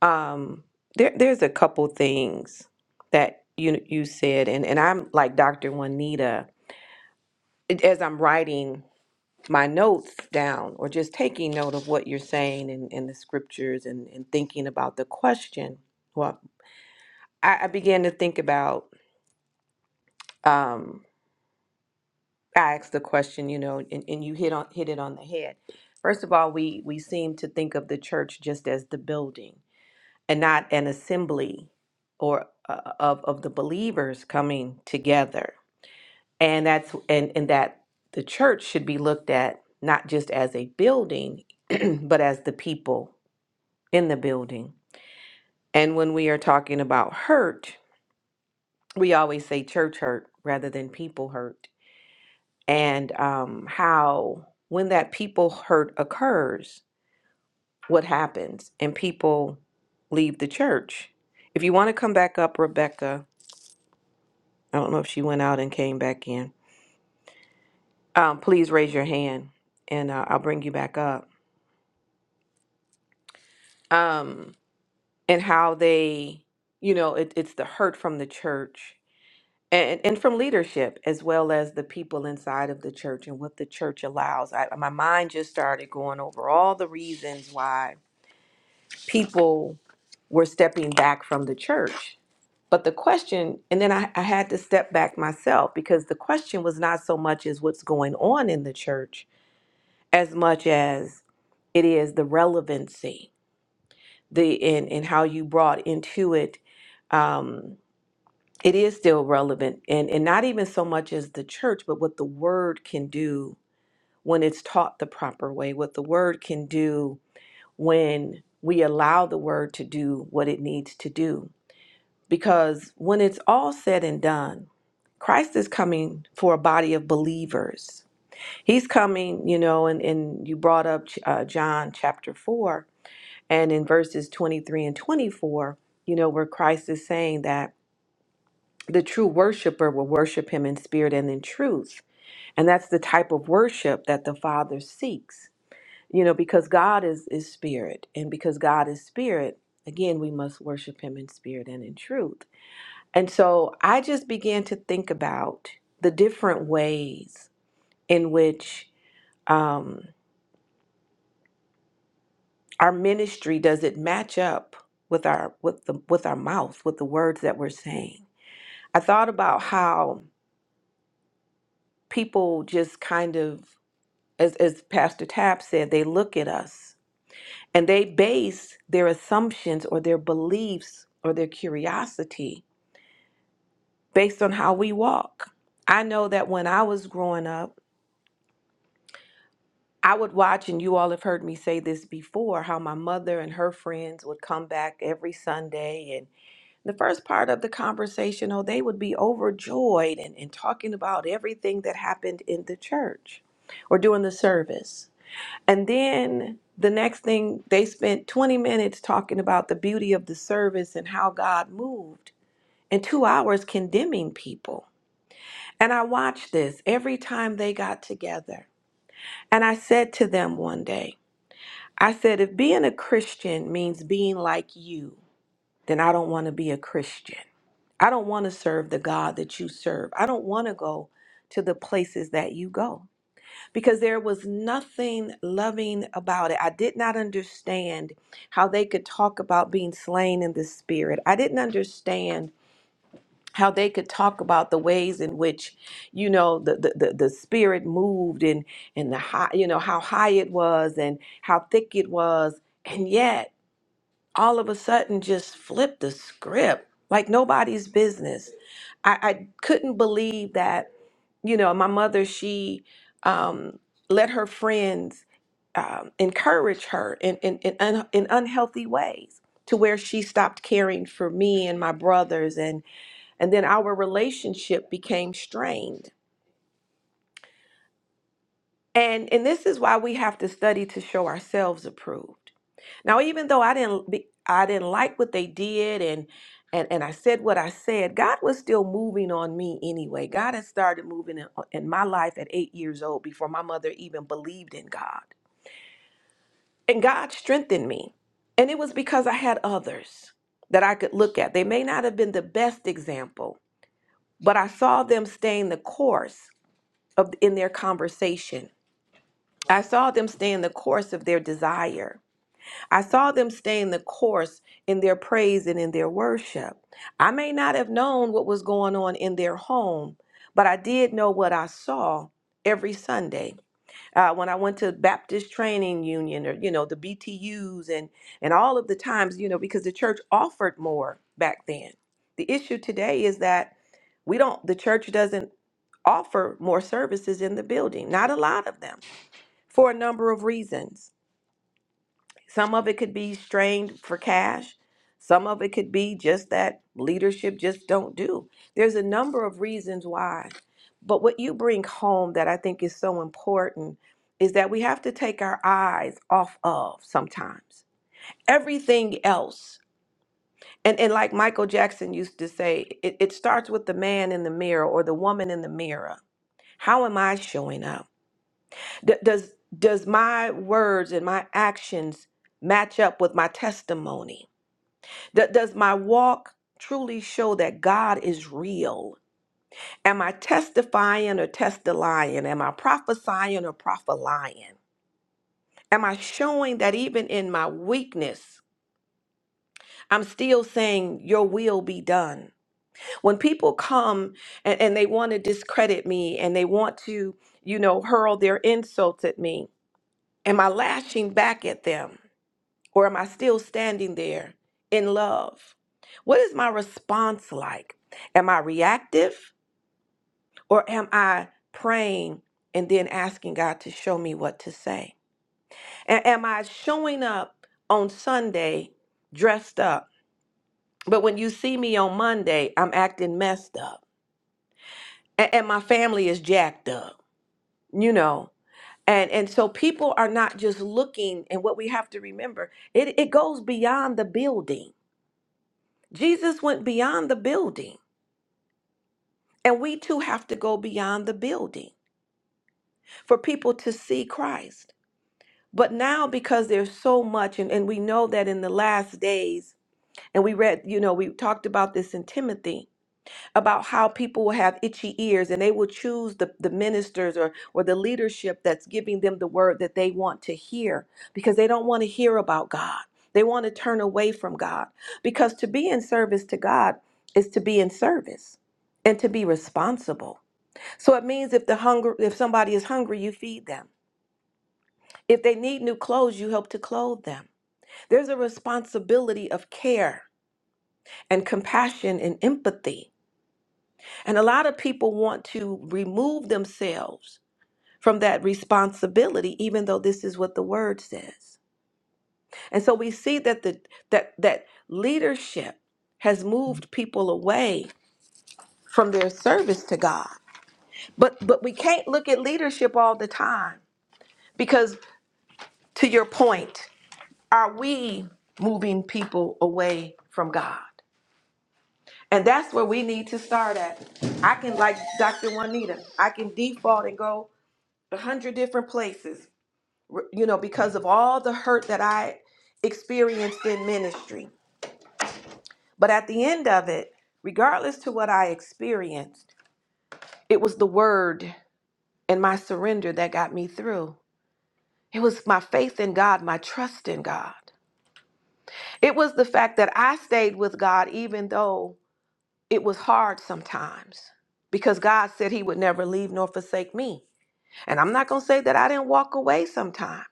Um, there, there's a couple things that you you said, and and I'm like Dr. Juanita it- as I'm writing my notes down, or just taking note of what you're saying in, in the scriptures, and and thinking about the question. Well, I, I began to think about. Um, I asked the question, you know, and, and you hit on hit it on the head. First of all, we we seem to think of the church just as the building and not an assembly or uh, uh, of of the believers coming together and that's and and that the church should be looked at not just as a building but as the people in the building and when we are talking about hurt we always say church hurt rather than people hurt and um how when that people hurt occurs what happens and people leave the church if you want to come back up rebecca I don't know if she went out and came back in. Um, please raise your hand and uh, I'll bring you back up. Um, and how they, you know, it, it's the hurt from the church and, and from leadership as well as the people inside of the church and what the church allows. I, my mind just started going over all the reasons why people were stepping back from the church. But the question, and then I, I had to step back myself because the question was not so much as what's going on in the church, as much as it is the relevancy the and, and how you brought into it um it is still relevant and and not even so much as the church but what the word can do when it's taught the proper way what the word can do when we allow the word to do what it needs to do because when it's all said and done christ is coming for a body of believers He's coming, you know, and, and you brought up uh, John chapter 4 and in verses 23 and 24, you know, where Christ is saying that the true worshiper will worship him in spirit and in truth. And that's the type of worship that the Father seeks, you know, because God is, is spirit. And because God is spirit, again, we must worship him in spirit and in truth. And so I just began to think about the different ways in which. Um, our ministry does it match up with our with the with our mouth with the words that we're saying i thought about how people just kind of as, as pastor tab said they look at us and they base their assumptions or their beliefs or their curiosity based on how we walk i know that when i was growing up i would watch and you all have heard me say this before how my mother and her friends would come back every sunday and. the first part of the conversation, oh, they would be overjoyed and, and talking about everything that happened in the church or during the service. And then the next thing, they spent 20 minutes talking about the beauty of the service and how God moved, and two hours condemning people. And I watched this every time they got together. And I said to them one day, I said, if being a Christian means being like you, then I don't want to be a Christian. I don't want to serve the God that you serve. I don't want to go to the places that you go because there was nothing loving about it. I did not understand how they could talk about being slain in the spirit. I didn't understand how they could talk about the ways in which you know the the, the, the spirit moved and and the high you know how high it was and how thick it was and yet all of a sudden just flipped the script like nobody's business. I, I couldn't believe that, you know, my mother, she um, let her friends um, encourage her in, in, in, un, in unhealthy ways to where she stopped caring for me and my brothers and and then our relationship became strained and and this is why we have to study to show ourselves approved Now, even though I didn't be, I didn't like what they did and and and I said what I said, God was still moving on me anyway. God had started moving in, uh, in my life at 8 years old before my mother even believed in God. And God strengthened me. And it was because I had others that I could look at. They may not have been the best example, but I saw them staying the course of in their conversation. I saw them staying the course of their desire. I saw them staying the course in their praise and in their worship. I may not have known what was going on in their home, but I did know what I saw every Sunday. Uh, when I went to Baptist Training Union or, you know, the BTUs and, and all of the times, you know, because the church offered more back then. The issue today is that we don't, the church doesn't offer more services in the building, not a lot of them, for a number of reasons. Some of it could be strained for cash. Some of it could be just that leadership just don't do. There's a number of reasons why. But what you bring home that I think is so important is that we have to take our eyes off of sometimes everything else. And, and like Michael Jackson used to say, it, it starts with the man in the mirror or the woman in the mirror. How am I showing up? D- does, does my words and my actions match up with my testimony? D- does my walk truly show that God is real? Am I testifying or testifying? Am I prophesying or prophesying? Am I showing that even in my weakness, I'm still saying, Your will be done? When people come and, and they want to discredit me and they want to, you know, hurl their insults at me, am I lashing back at them? Or am I still standing there in love? What is my response like? Am I reactive or am I praying and then asking God to show me what to say? A- am I showing up on Sunday dressed up, but when you see me on Monday, I'm acting messed up A- and my family is jacked up, you know? And, and so people are not just looking, and what we have to remember, it, it goes beyond the building Jesus went beyond the building, and we too have to go beyond the building for people to see Christ. But now, because there's so much, and, and we know that in the last days, and we read, you know, we talked about this in Timothy, about how people will have itchy ears and they will choose the, the ministers or, or the leadership that's giving them the word that they want to hear because they don't want to hear about God. They want to turn away from God because to be in service to God is to be in service and to be responsible. So it means if the hunger if somebody is hungry, you feed them. If they need new clothes, you help to clothe them. There's a responsibility of care and compassion and empathy And a lot of people want to remove themselves from that responsibility, even though this is what the word says. And so we see that the that that leadership has moved people away from their service to God. But but we can't look at leadership all the time because to your point, are we moving people away from God? And that's where we need to start at. I can like Dr. Juanita, I can default and go a hundred different places, you know, because of all the hurt that I experienced in ministry. But at the end of it, regardless to what I experienced, it was the word and my surrender that got me through. It was my faith in God, my trust in God. It was the fact that I stayed with God even though it was hard sometimes because God said he would never leave nor forsake me. And I'm not going to say that I didn't walk away sometimes.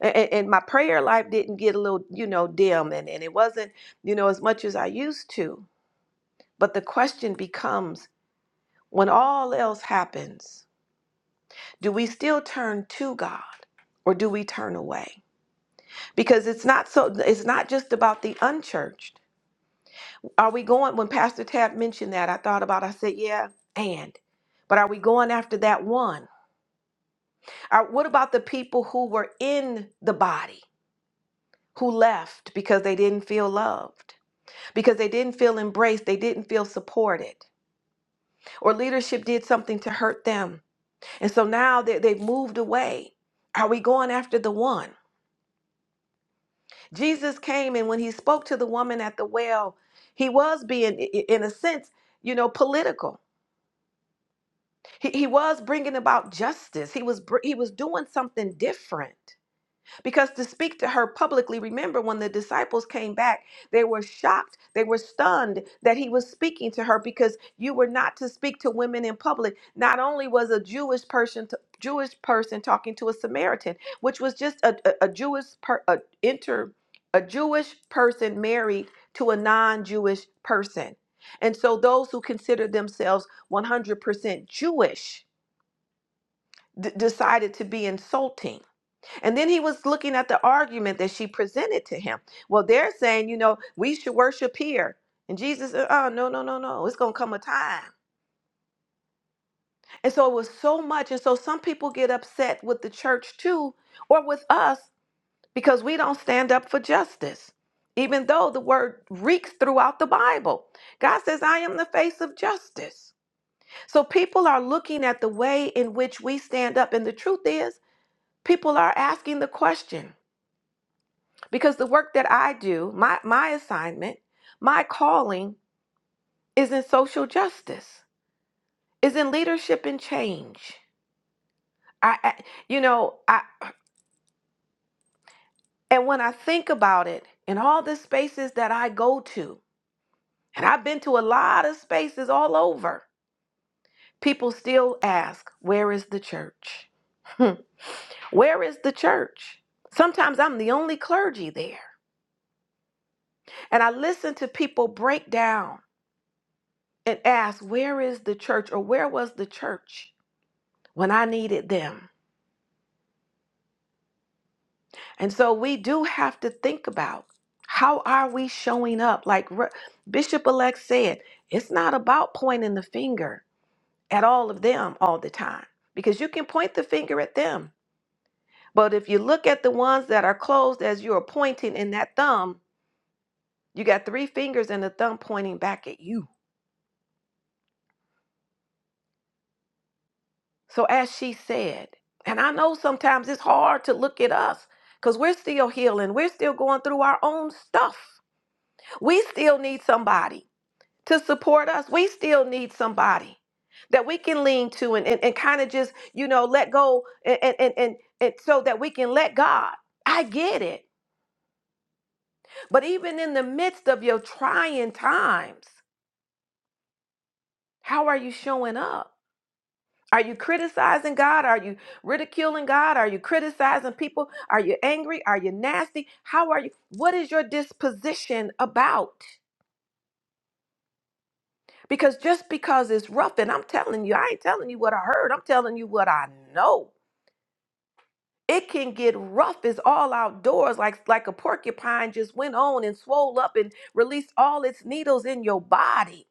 And, and my prayer life didn't get a little, you know, dim and, and it wasn't, you know, as much as I used to. But the question becomes when all else happens, do we still turn to God or do we turn away? Because it's not so it's not just about the unchurched. Are we going when Pastor Tab mentioned that, I thought about I said, yeah, and but are we going after that one? Are, what about the people who were in the body? who left because they didn't feel loved, because they didn't feel embraced, they didn't feel supported, or leadership did something to hurt them. And so now they, they've moved away. Are we going after the one? Jesus came, and when he spoke to the woman at the well, he was being, i- i- in a sense, you know, political. He, he was bringing about justice. He was br- he was doing something different. because to speak to her publicly remember when the disciples came back they were shocked they were stunned that he was speaking to her because you were not to speak to women in public not only was a jewish person t- jewish person talking to a samaritan which was just a, a, a jewish per, a, inter a jewish person married to a non-jewish person and so those who considered themselves 100% jewish d- decided to be insulting and then he was looking at the argument that she presented to him. Well, they're saying, you know, we should worship here. And Jesus said, oh, no, no, no, no. It's going to come a time. And so it was so much. And so some people get upset with the church too, or with us, because we don't stand up for justice, even though the word reeks throughout the Bible. God says, I am the face of justice. So people are looking at the way in which we stand up. And the truth is, people are asking the question because the work that I do, my my assignment, my calling is in social justice, is in leadership and change. I, I you know, I and when I think about it, in all the spaces that I go to, and I've been to a lot of spaces all over, people still ask, "Where is the church?" Hmm. Where is the church? Sometimes I'm the only clergy there. And I listen to people break down. and ask, Where is the church or where was the church when I needed them? And so we do have to think about how are we showing up? Like Re- Bishop elect said, it's not about pointing the finger at all of them all the time because you can point the finger at them. But if you look at the ones that are closed as you are pointing in that thumb, you got three fingers and a thumb pointing back at you So, as she said, and I know sometimes it's hard to look at us because we're still healing, we're still going through our own stuff. We still need somebody to support us, we still need somebody that we can lean to and, and, and kind of just, you know, let go and, and, and, and, and so that we can let God. I get it. But even in the midst of your trying times, how are you showing up? Are you criticizing God? Are you ridiculing God? Are you criticizing people? Are you angry? Are you nasty? How are you? What is your disposition about? Because just because it's rough, and I'm telling you, I ain't telling you what I heard, I'm telling you what I know. It can get rough. It's all outdoors, like like a porcupine just went on and swole up and released all its needles in your body.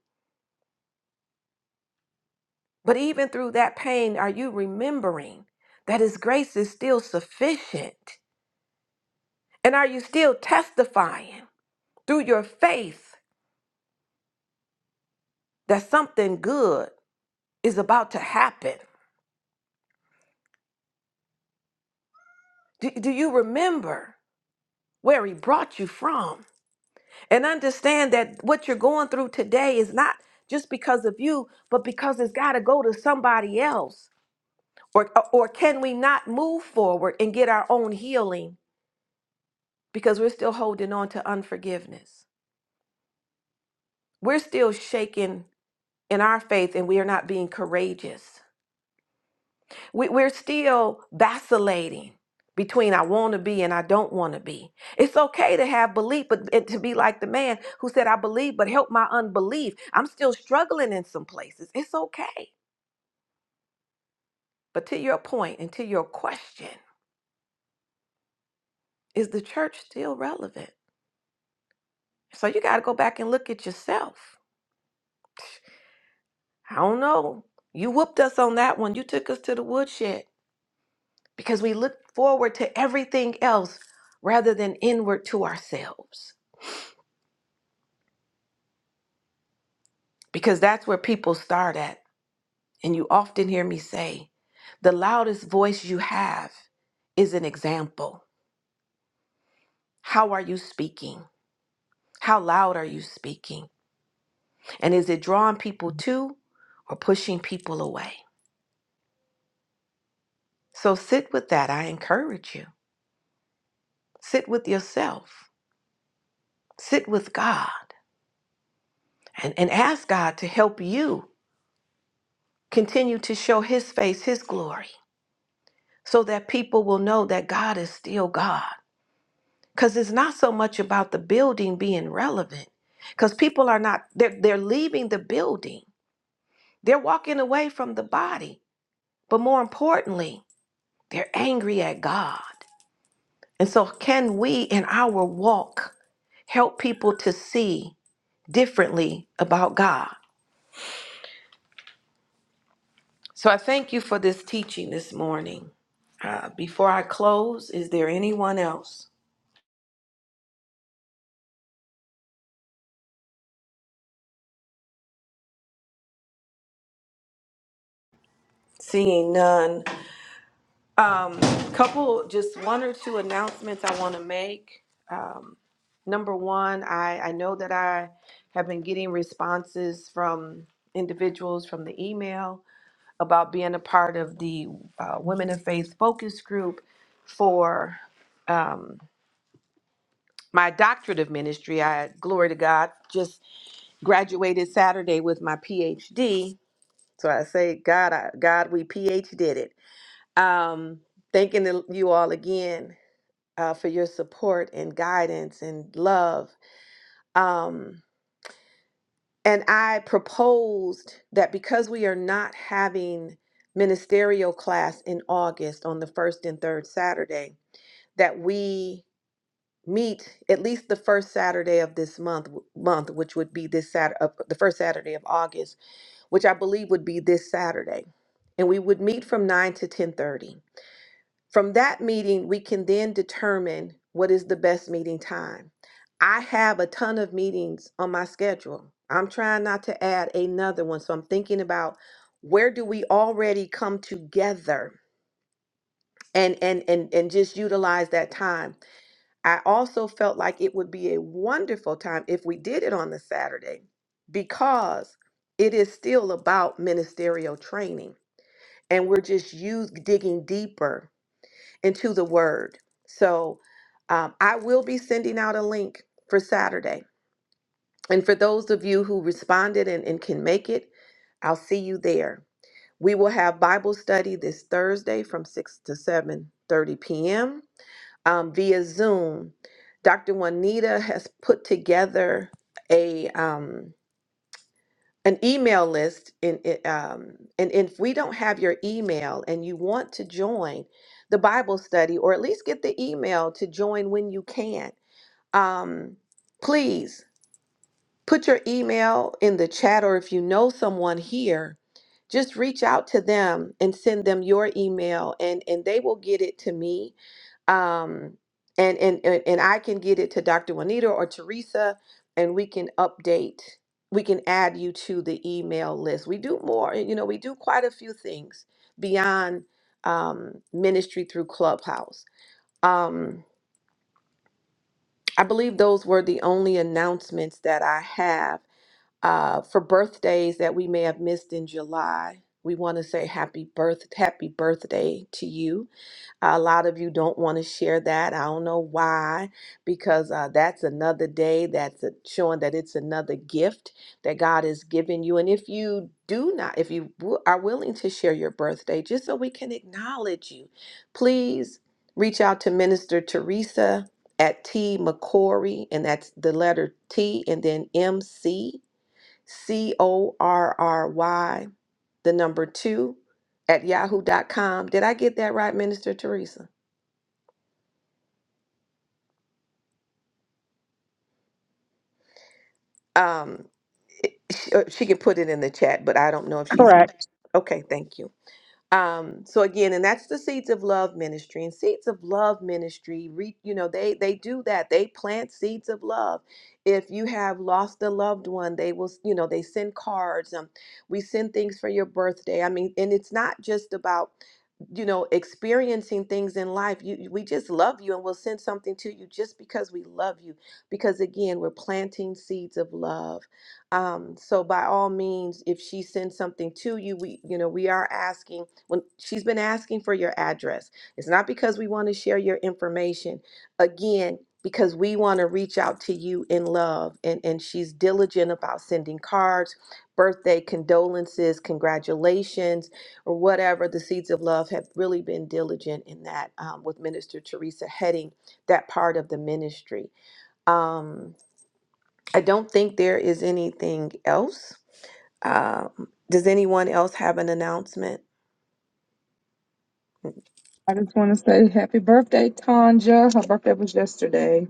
But even through that pain, are you remembering that His grace is still sufficient? And are you still testifying through your faith that something good is about to happen? Do, do you remember where He brought you from? And understand that what you're going through today is not just because of you, but because it's got to go to somebody else. Or, uh, or can we not move forward and get our own healing because we're still holding on to unforgiveness? We're still shaken in our faith and we are not being courageous. We, we're still vacillating between I want to be and I don't want to be. It's okay to have belief, but and to be like the man who said, I believe, but help my unbelief. I'm still struggling in some places. It's okay. But to your point and to your question, is the church still relevant? So you got to go back and look at yourself. I don't know. You whooped us on that one. You took us to the woodshed because we looked forward to everything else rather than inward to ourselves. because that's where people start at. And you often hear me say, the loudest voice you have is an example. How are you speaking? How loud are you speaking? And is it drawing people to or pushing people away? So sit with that. I encourage you. Sit with yourself, sit with God, and, and ask God to help you continue to show His face, His glory, so that people will know that God is still God because it's not so much about the building being relevant because people are not they're, they're leaving the building they're walking away from the body but more importantly they're angry at god and so can we in our walk help people to see differently about god so i thank you for this teaching this morning Uh, before i close is there anyone else seeing none Um, couple, just one or two announcements I want to make. Um, number one, I, I know that I have been getting responses from individuals from the email about being a part of the uh, Women of Faith focus group for um, my doctorate of ministry. I, glory to God, just graduated Saturday with my PhD. So I say, God, I, God, we PhD did it. Um, thanking the- you all again. uh, for your support and guidance and love. Um, and I proposed that because we are not having ministerial class in August on the first and third Saturday, that we meet at least the first Saturday of this month, month which would be this Saturday, uh, the first Saturday of August, which I believe would be this Saturday, and we would meet from nine to ten thirty From that meeting, we can then determine what is the best meeting time. I have a ton of meetings on my schedule. I'm trying not to add another one, so I'm thinking about where do we already come together and and and and just utilize that time. I also felt like it would be a wonderful time if we did it on the Saturday because it is still about ministerial training and we're just use digging deeper into the word. So um, I will be sending out a link for Saturday. And for those of you who responded and, and can make it, I'll see you there. We will have Bible study this Thursday from 6 to 7:30 p.m. um, via Zoom. Dr. Juanita has put together a um, an email list in it, um, and if we don't have your email and you want to join the bible study or at least get the email to join when you can um, please Put your email in the chat, or if you know someone here, just reach out to them and send them your email, and, and they will get it to me. Um, and, and, and and I can get it to Dr. Juanita or Teresa, and we can update. We can add you to the email list. We do more, you know, we do quite a few things beyond um, ministry through Clubhouse. Um, I believe those were the only announcements that I have uh, for birthdays that we may have missed in July, we want to say happy birth, happy birthday to you. a lot of you don't want to share that. I don't know why, because uh, that's another day that's a, showing that it's another gift that God has given you. And if you do not, if you w- are willing to share your birthday, just so we can acknowledge you, please reach out to Minister Teresa at T McCory, and that's the letter T and then MC C O R R Y, the number two at yahoo dot com. Did I get that right, Minister Teresa? Um, it- she, uh, she can put it in the chat, but I don't know if she's Correct. okay. Thank you. um so again and that's the seeds of love ministry and seeds of love ministry re, you know they they do that they plant seeds of love if you have lost a loved one they will you know they send cards um we send things for your birthday i mean and it's not just about you know experiencing things in life you you- we just love you and we'll send something to you just because we love you because again we're planting seeds of love um, so by all means, if she sends something to you, we, you know, we are asking when she's been asking for your address. It's not because we want to share your information. Again, because we want to reach out to you in love. And, and she's diligent about sending cards, birthday condolences, congratulations, or whatever. The Seeds of Love have really been diligent in that um, with Minister Teresa heading that part of the ministry. Um, I don't think there is anything else. Um, does anyone else have an announcement? I just want to say happy birthday, Tanja. Her birthday was yesterday.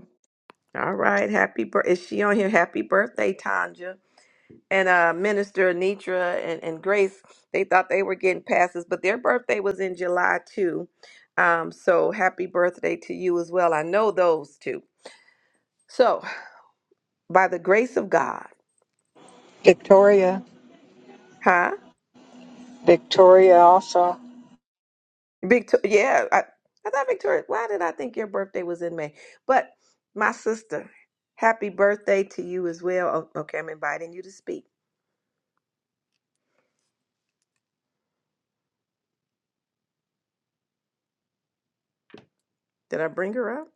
All right, happy birth. Is she on here? Happy birthday, Tanja. And uh, Minister Anitra and, and Grace, they thought they were getting passes, but their birthday was in July too. Um, so happy birthday to you as well. I know those two. So, by the grace of God, Victoria, huh? Victoria also. Victoria, yeah, I, I thought Victoria. Why did I think your birthday was in May? But my sister, happy birthday to you as well. Oh, okay, I'm inviting you to speak. Did I bring her up?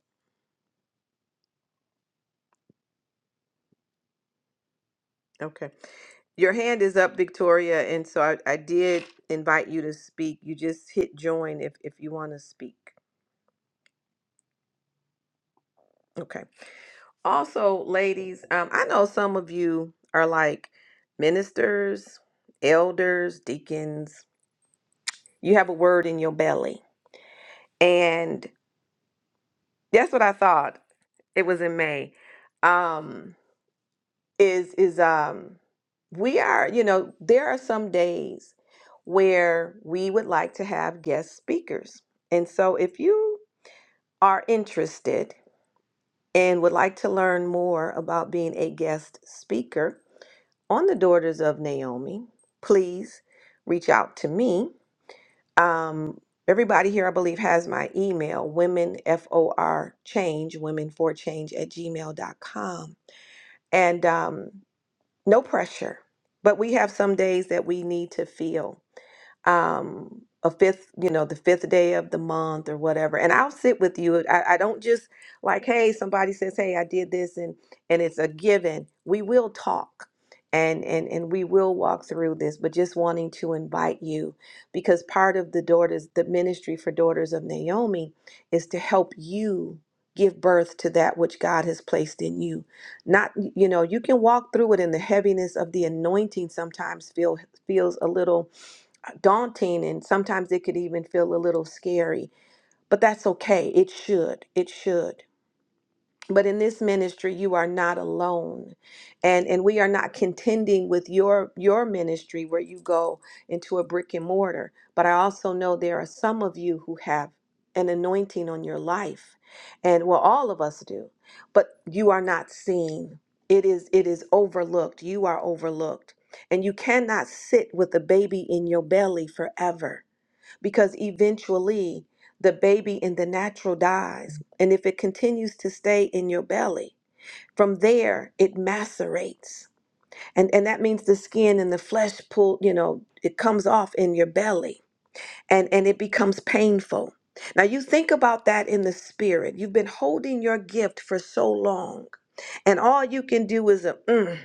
Okay, your hand is up, Victoria, and so I, I did invite you to speak. You just hit join if if you want to speak. Okay. Also, ladies, um, I know some of you are like ministers, elders, deacons. You have a word in your belly, and That's what I thought. It was in May. Um, is is um we are, you know, there are some days where we would like to have guest speakers. And so if you are interested and would like to learn more about being a guest speaker on the Daughters of Naomi, please reach out to me Um, everybody here, I believe, has my email, women, F O R change, women for change at gmail.com. And um, no pressure, but we have some days that we need to feel um a fifth you know the fifth day of the month or whatever and i'll sit with you I, I don't just like hey somebody says hey i did this and and it's a given we will talk and and and we will walk through this but just wanting to invite you because part of the daughters the ministry for daughters of naomi is to help you give birth to that which god has placed in you not you know you can walk through it and the heaviness of the anointing sometimes feel feels a little daunting and sometimes it could even feel a little scary, but that's okay. It should. It should. But in this ministry, you are not alone. And and we are not contending with your your ministry where you go into a brick and mortar, but I also know there are some of you who have an anointing on your life. And well, all of us do. But you are not seen. It is it is overlooked. You are overlooked. And you cannot sit with a baby in your belly forever because eventually the baby in the natural dies. And if it continues to stay in your belly, from there it macerates. And, and that means the skin and the flesh pull, you know, it comes off in your belly and and it becomes painful now you think about that in the spirit you've been holding your gift for so long and all you can do is a mm,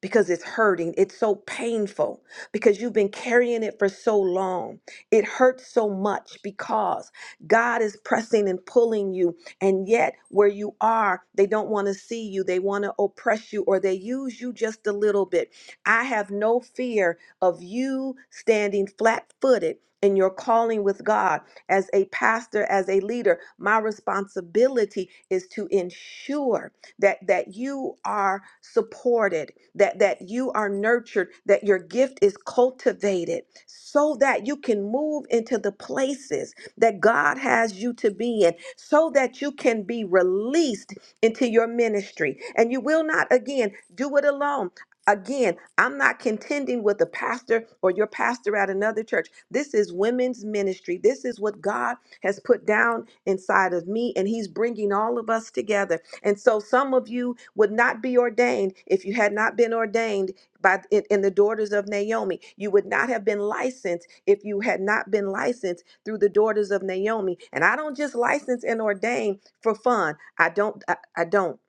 because it's hurting it's so painful because you've been carrying it for so long it hurts so much because god is pressing and pulling you and yet where you are they don't want to see you they want to oppress you or they use you just a little bit i have no fear of you standing flat footed in your calling with God as a pastor, as a leader. My responsibility is to ensure that, that you are supported, that, that you are nurtured, that your gift is cultivated so that you can move into the places that God has you to be in, so that you can be released into your ministry. And you will not, again, do it alone Again, I'm not contending with a pastor or your pastor at another church. This is women's ministry. This is what God has put down inside of me, and He's bringing all of us together. And so, some of you would not be ordained if you had not been ordained by in, in the daughters of Naomi. You would not have been licensed if you had not been licensed through the daughters of Naomi. And I don't just license and ordain for fun. I don't. I, I don't.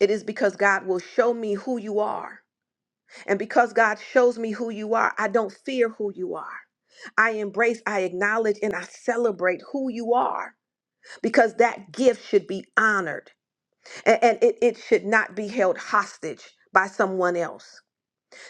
It is because God will show me who you are and because God shows me who you are, I don't fear who you are. I embrace, I acknowledge, and I celebrate who you are because that gift should be honored and, and it, it should not be held hostage by someone else.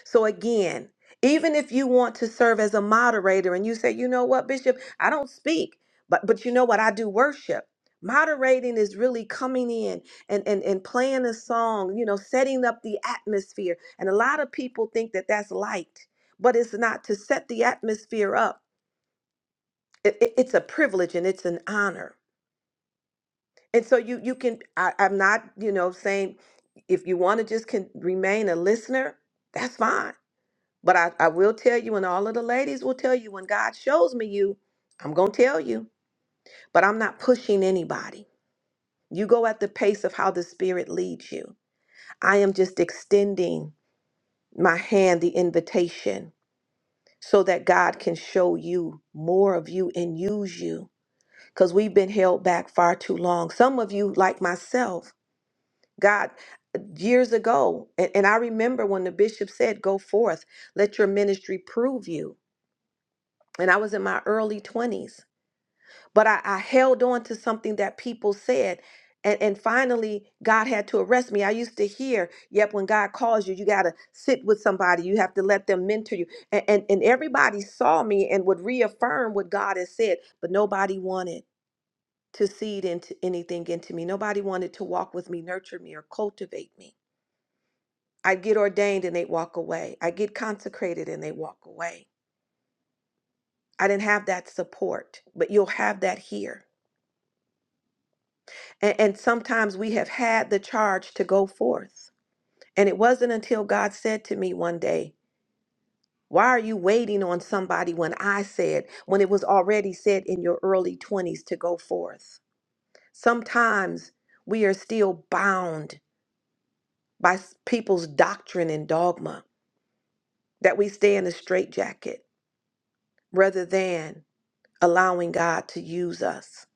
So again, even if you want to serve as a moderator and you say, you know what, Bishop, I don't speak, but but you know what, I do worship. Moderating is really coming in and, and, and playing a song, you know, setting up the atmosphere. And a lot of people think that that's light, but it's not to set the atmosphere up. It, it- it's a privilege and it's an honor. And so you you can I, I'm not, you know, saying if you want to just can remain a listener, that's fine but I, I will tell you, and all of the ladies will tell you, when God shows me you, I'm going to tell you. But I'm not pushing anybody. You go at the pace of how the Spirit leads you. I am just extending my hand, the invitation, so that God can show you more of you and use you. Because we've been held back far too long. Some of you, like myself, God, years ago, and, and I remember when the bishop said, Go forth, let your ministry prove you. And I was in my early 20s but I, I held on to something that people said. And, and finally, God had to arrest me. I used to hear, yep, when God calls you, you got to sit with somebody. You have to let them mentor you. And, and, and everybody saw me and would reaffirm what God had said, but nobody wanted to seed into anything into me. Nobody wanted to walk with me, nurture me, or cultivate me. I'd get ordained and they'd walk away. I'd get consecrated and they'd walk away. I didn't have that support, but you'll have that here And, and sometimes we have had the charge to go forth. And it wasn't until God said to me one day, Why are you waiting on somebody when I said, when it was already said in your early 20s to go forth? Sometimes we are still bound by s- people's doctrine and dogma that we stay in a straitjacket rather than allowing God to use us.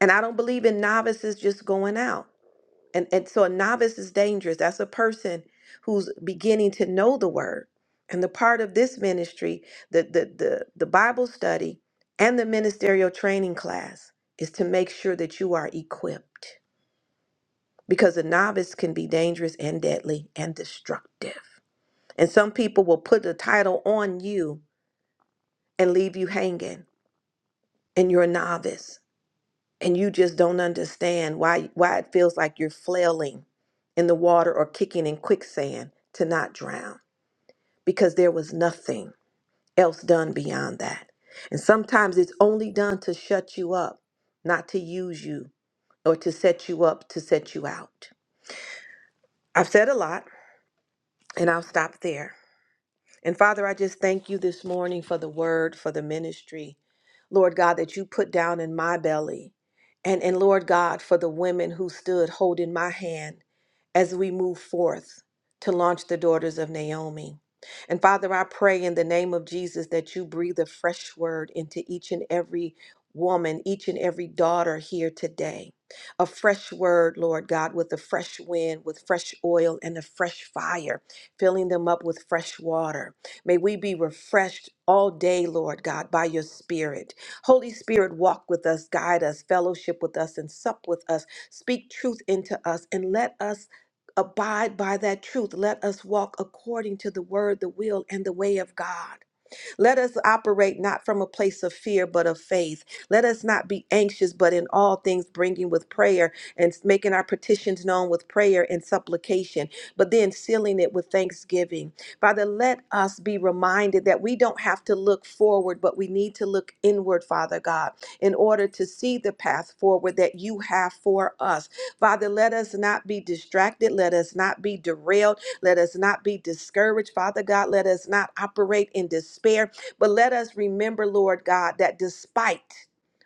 And I don't believe in novices just going out. And, and so a novice is dangerous. That's a person who's beginning to know the word. And the part of this ministry, the, the, the, the Bible study and the ministerial training class, is to make sure that you are equipped because a novice can be dangerous and deadly and destructive. And some people will put the title on you and leave you hanging, and you're a novice. and you just don't understand why why it feels like you're flailing in the water or kicking in quicksand to not drown because there was nothing else done beyond that and sometimes it's only done to shut you up not to use you or to set you up to set you out i've said a lot and i'll stop there And Father, I just thank you this morning for the word, for the ministry, Lord God, that you put down in my belly. And, and Lord God, for the women who stood holding my hand as we move forth to launch the daughters of Naomi. And Father, I pray in the name of Jesus that you breathe a fresh word into each and every woman, each and every daughter here today. A fresh word, Lord God, with a fresh wind, with fresh oil and a fresh fire, filling them up with fresh water. May we be refreshed all day, Lord God, by your Spirit. Holy Spirit, walk with us, guide us, fellowship with us, and sup with us. Speak truth into us, and let us abide by that truth. Let us walk according to the word, the will, and the way of God. Let us operate not from a place of fear, but of faith. Let us not be anxious, but in all things bringing with prayer and making our petitions known with prayer and supplication, but then sealing it with thanksgiving. Father, let us be reminded that we don't have to look forward, but we need to look inward, Father God, in order to see the path forward that you have for us. Father, let us not be distracted. Let us not be derailed. Let us not be discouraged, Father God. Let us not operate in despair but let us remember, Lord God, that despite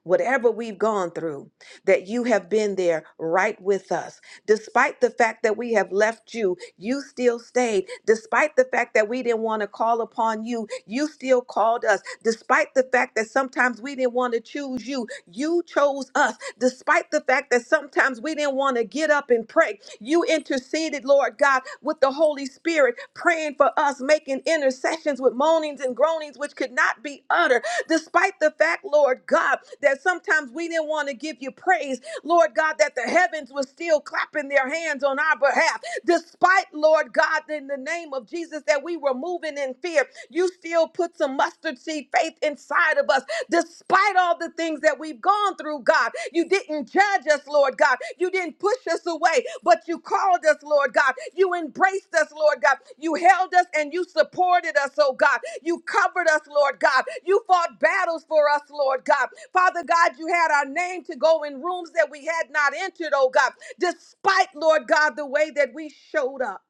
Whatever we've gone through, that you have been there right with us. Despite the fact that we have left you, you still stayed. Despite the fact that we didn't want to call upon you, you still called us. Despite the fact that sometimes we didn't want to choose you, you chose us. Despite the fact that sometimes we didn't want to get up and pray, you interceded, Lord God, with the Holy Spirit, praying for us, making intercessions begins with moanings and groanings which could not be uttered. Despite the fact, Lord God, that sometimes we didn't want to give you praise, Lord God, that the heavens were still clapping their hands on our behalf. Despite, Lord God, in the name of Jesus, that we were moving in fear, you still put some mustard seed faith inside of us. Despite all the things that we've gone through, God. God. You didn't judge us, Lord God. You didn't push us away, but you called us, Lord God. You embraced us, Lord God. You held us and you supported us, oh God. You covered us, Lord God. You fought battles for us, Lord God. Father God, you had our name to go in rooms that we had not entered, oh God, despite, Lord God, the way that we showed up.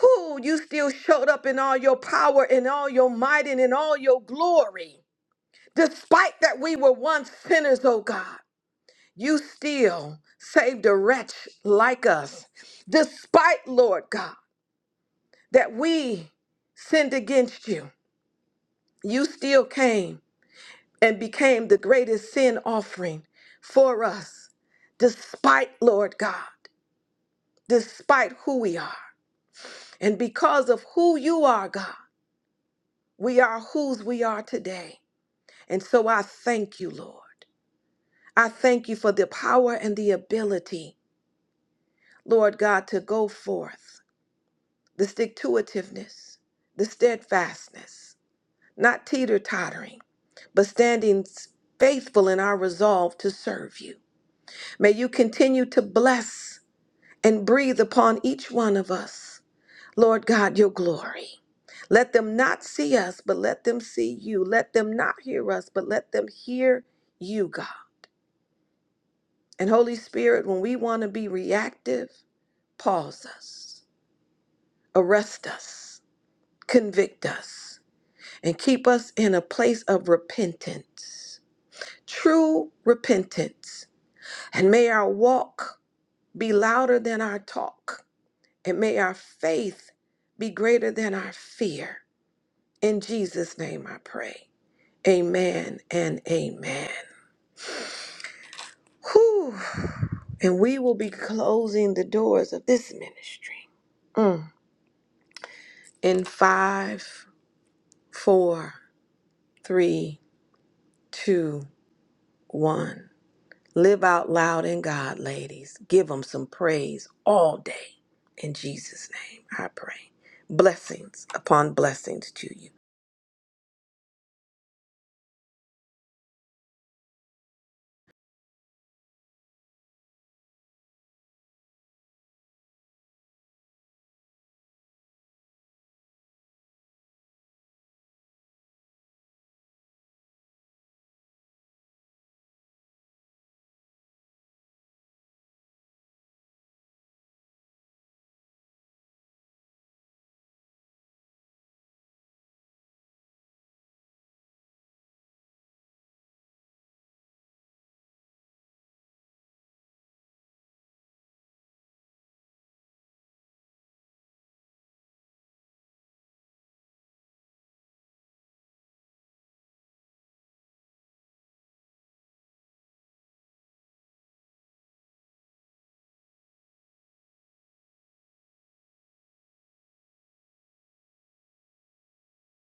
Who you still showed up in all your power and all your might and in all your glory, despite that we were once sinners, oh God you still saved a wretch like us, despite, Lord God, that we sinned against you. You still came and became the greatest sin offering for us, despite, Lord God, despite who we are. And because of who you are, God, we are whose we are today. And so I thank you, Lord. I thank you for the power and the ability, Lord God, to go forth the stick to itiveness, the steadfastness, not teeter tottering, but standing faithful in our resolve to serve you. May you continue to bless and breathe upon each one of us, Lord God, your glory. Let them not see us, but let them see you. Let them not hear us, but let them hear you, God. And Holy Spirit, when we want to be reactive, pause us, arrest us, convict us and keep us in a place of repentance, true repentance. And may our walk be louder than our talk, and may our faith be greater than our fear. In Jesus' name I pray. Amen and amen. Whew. And we will be closing the doors of this ministry Mm. in five, four, three, two, one. Live out loud in God, ladies. Give them some praise all day. In Jesus' name, I pray. Blessings upon blessings to you.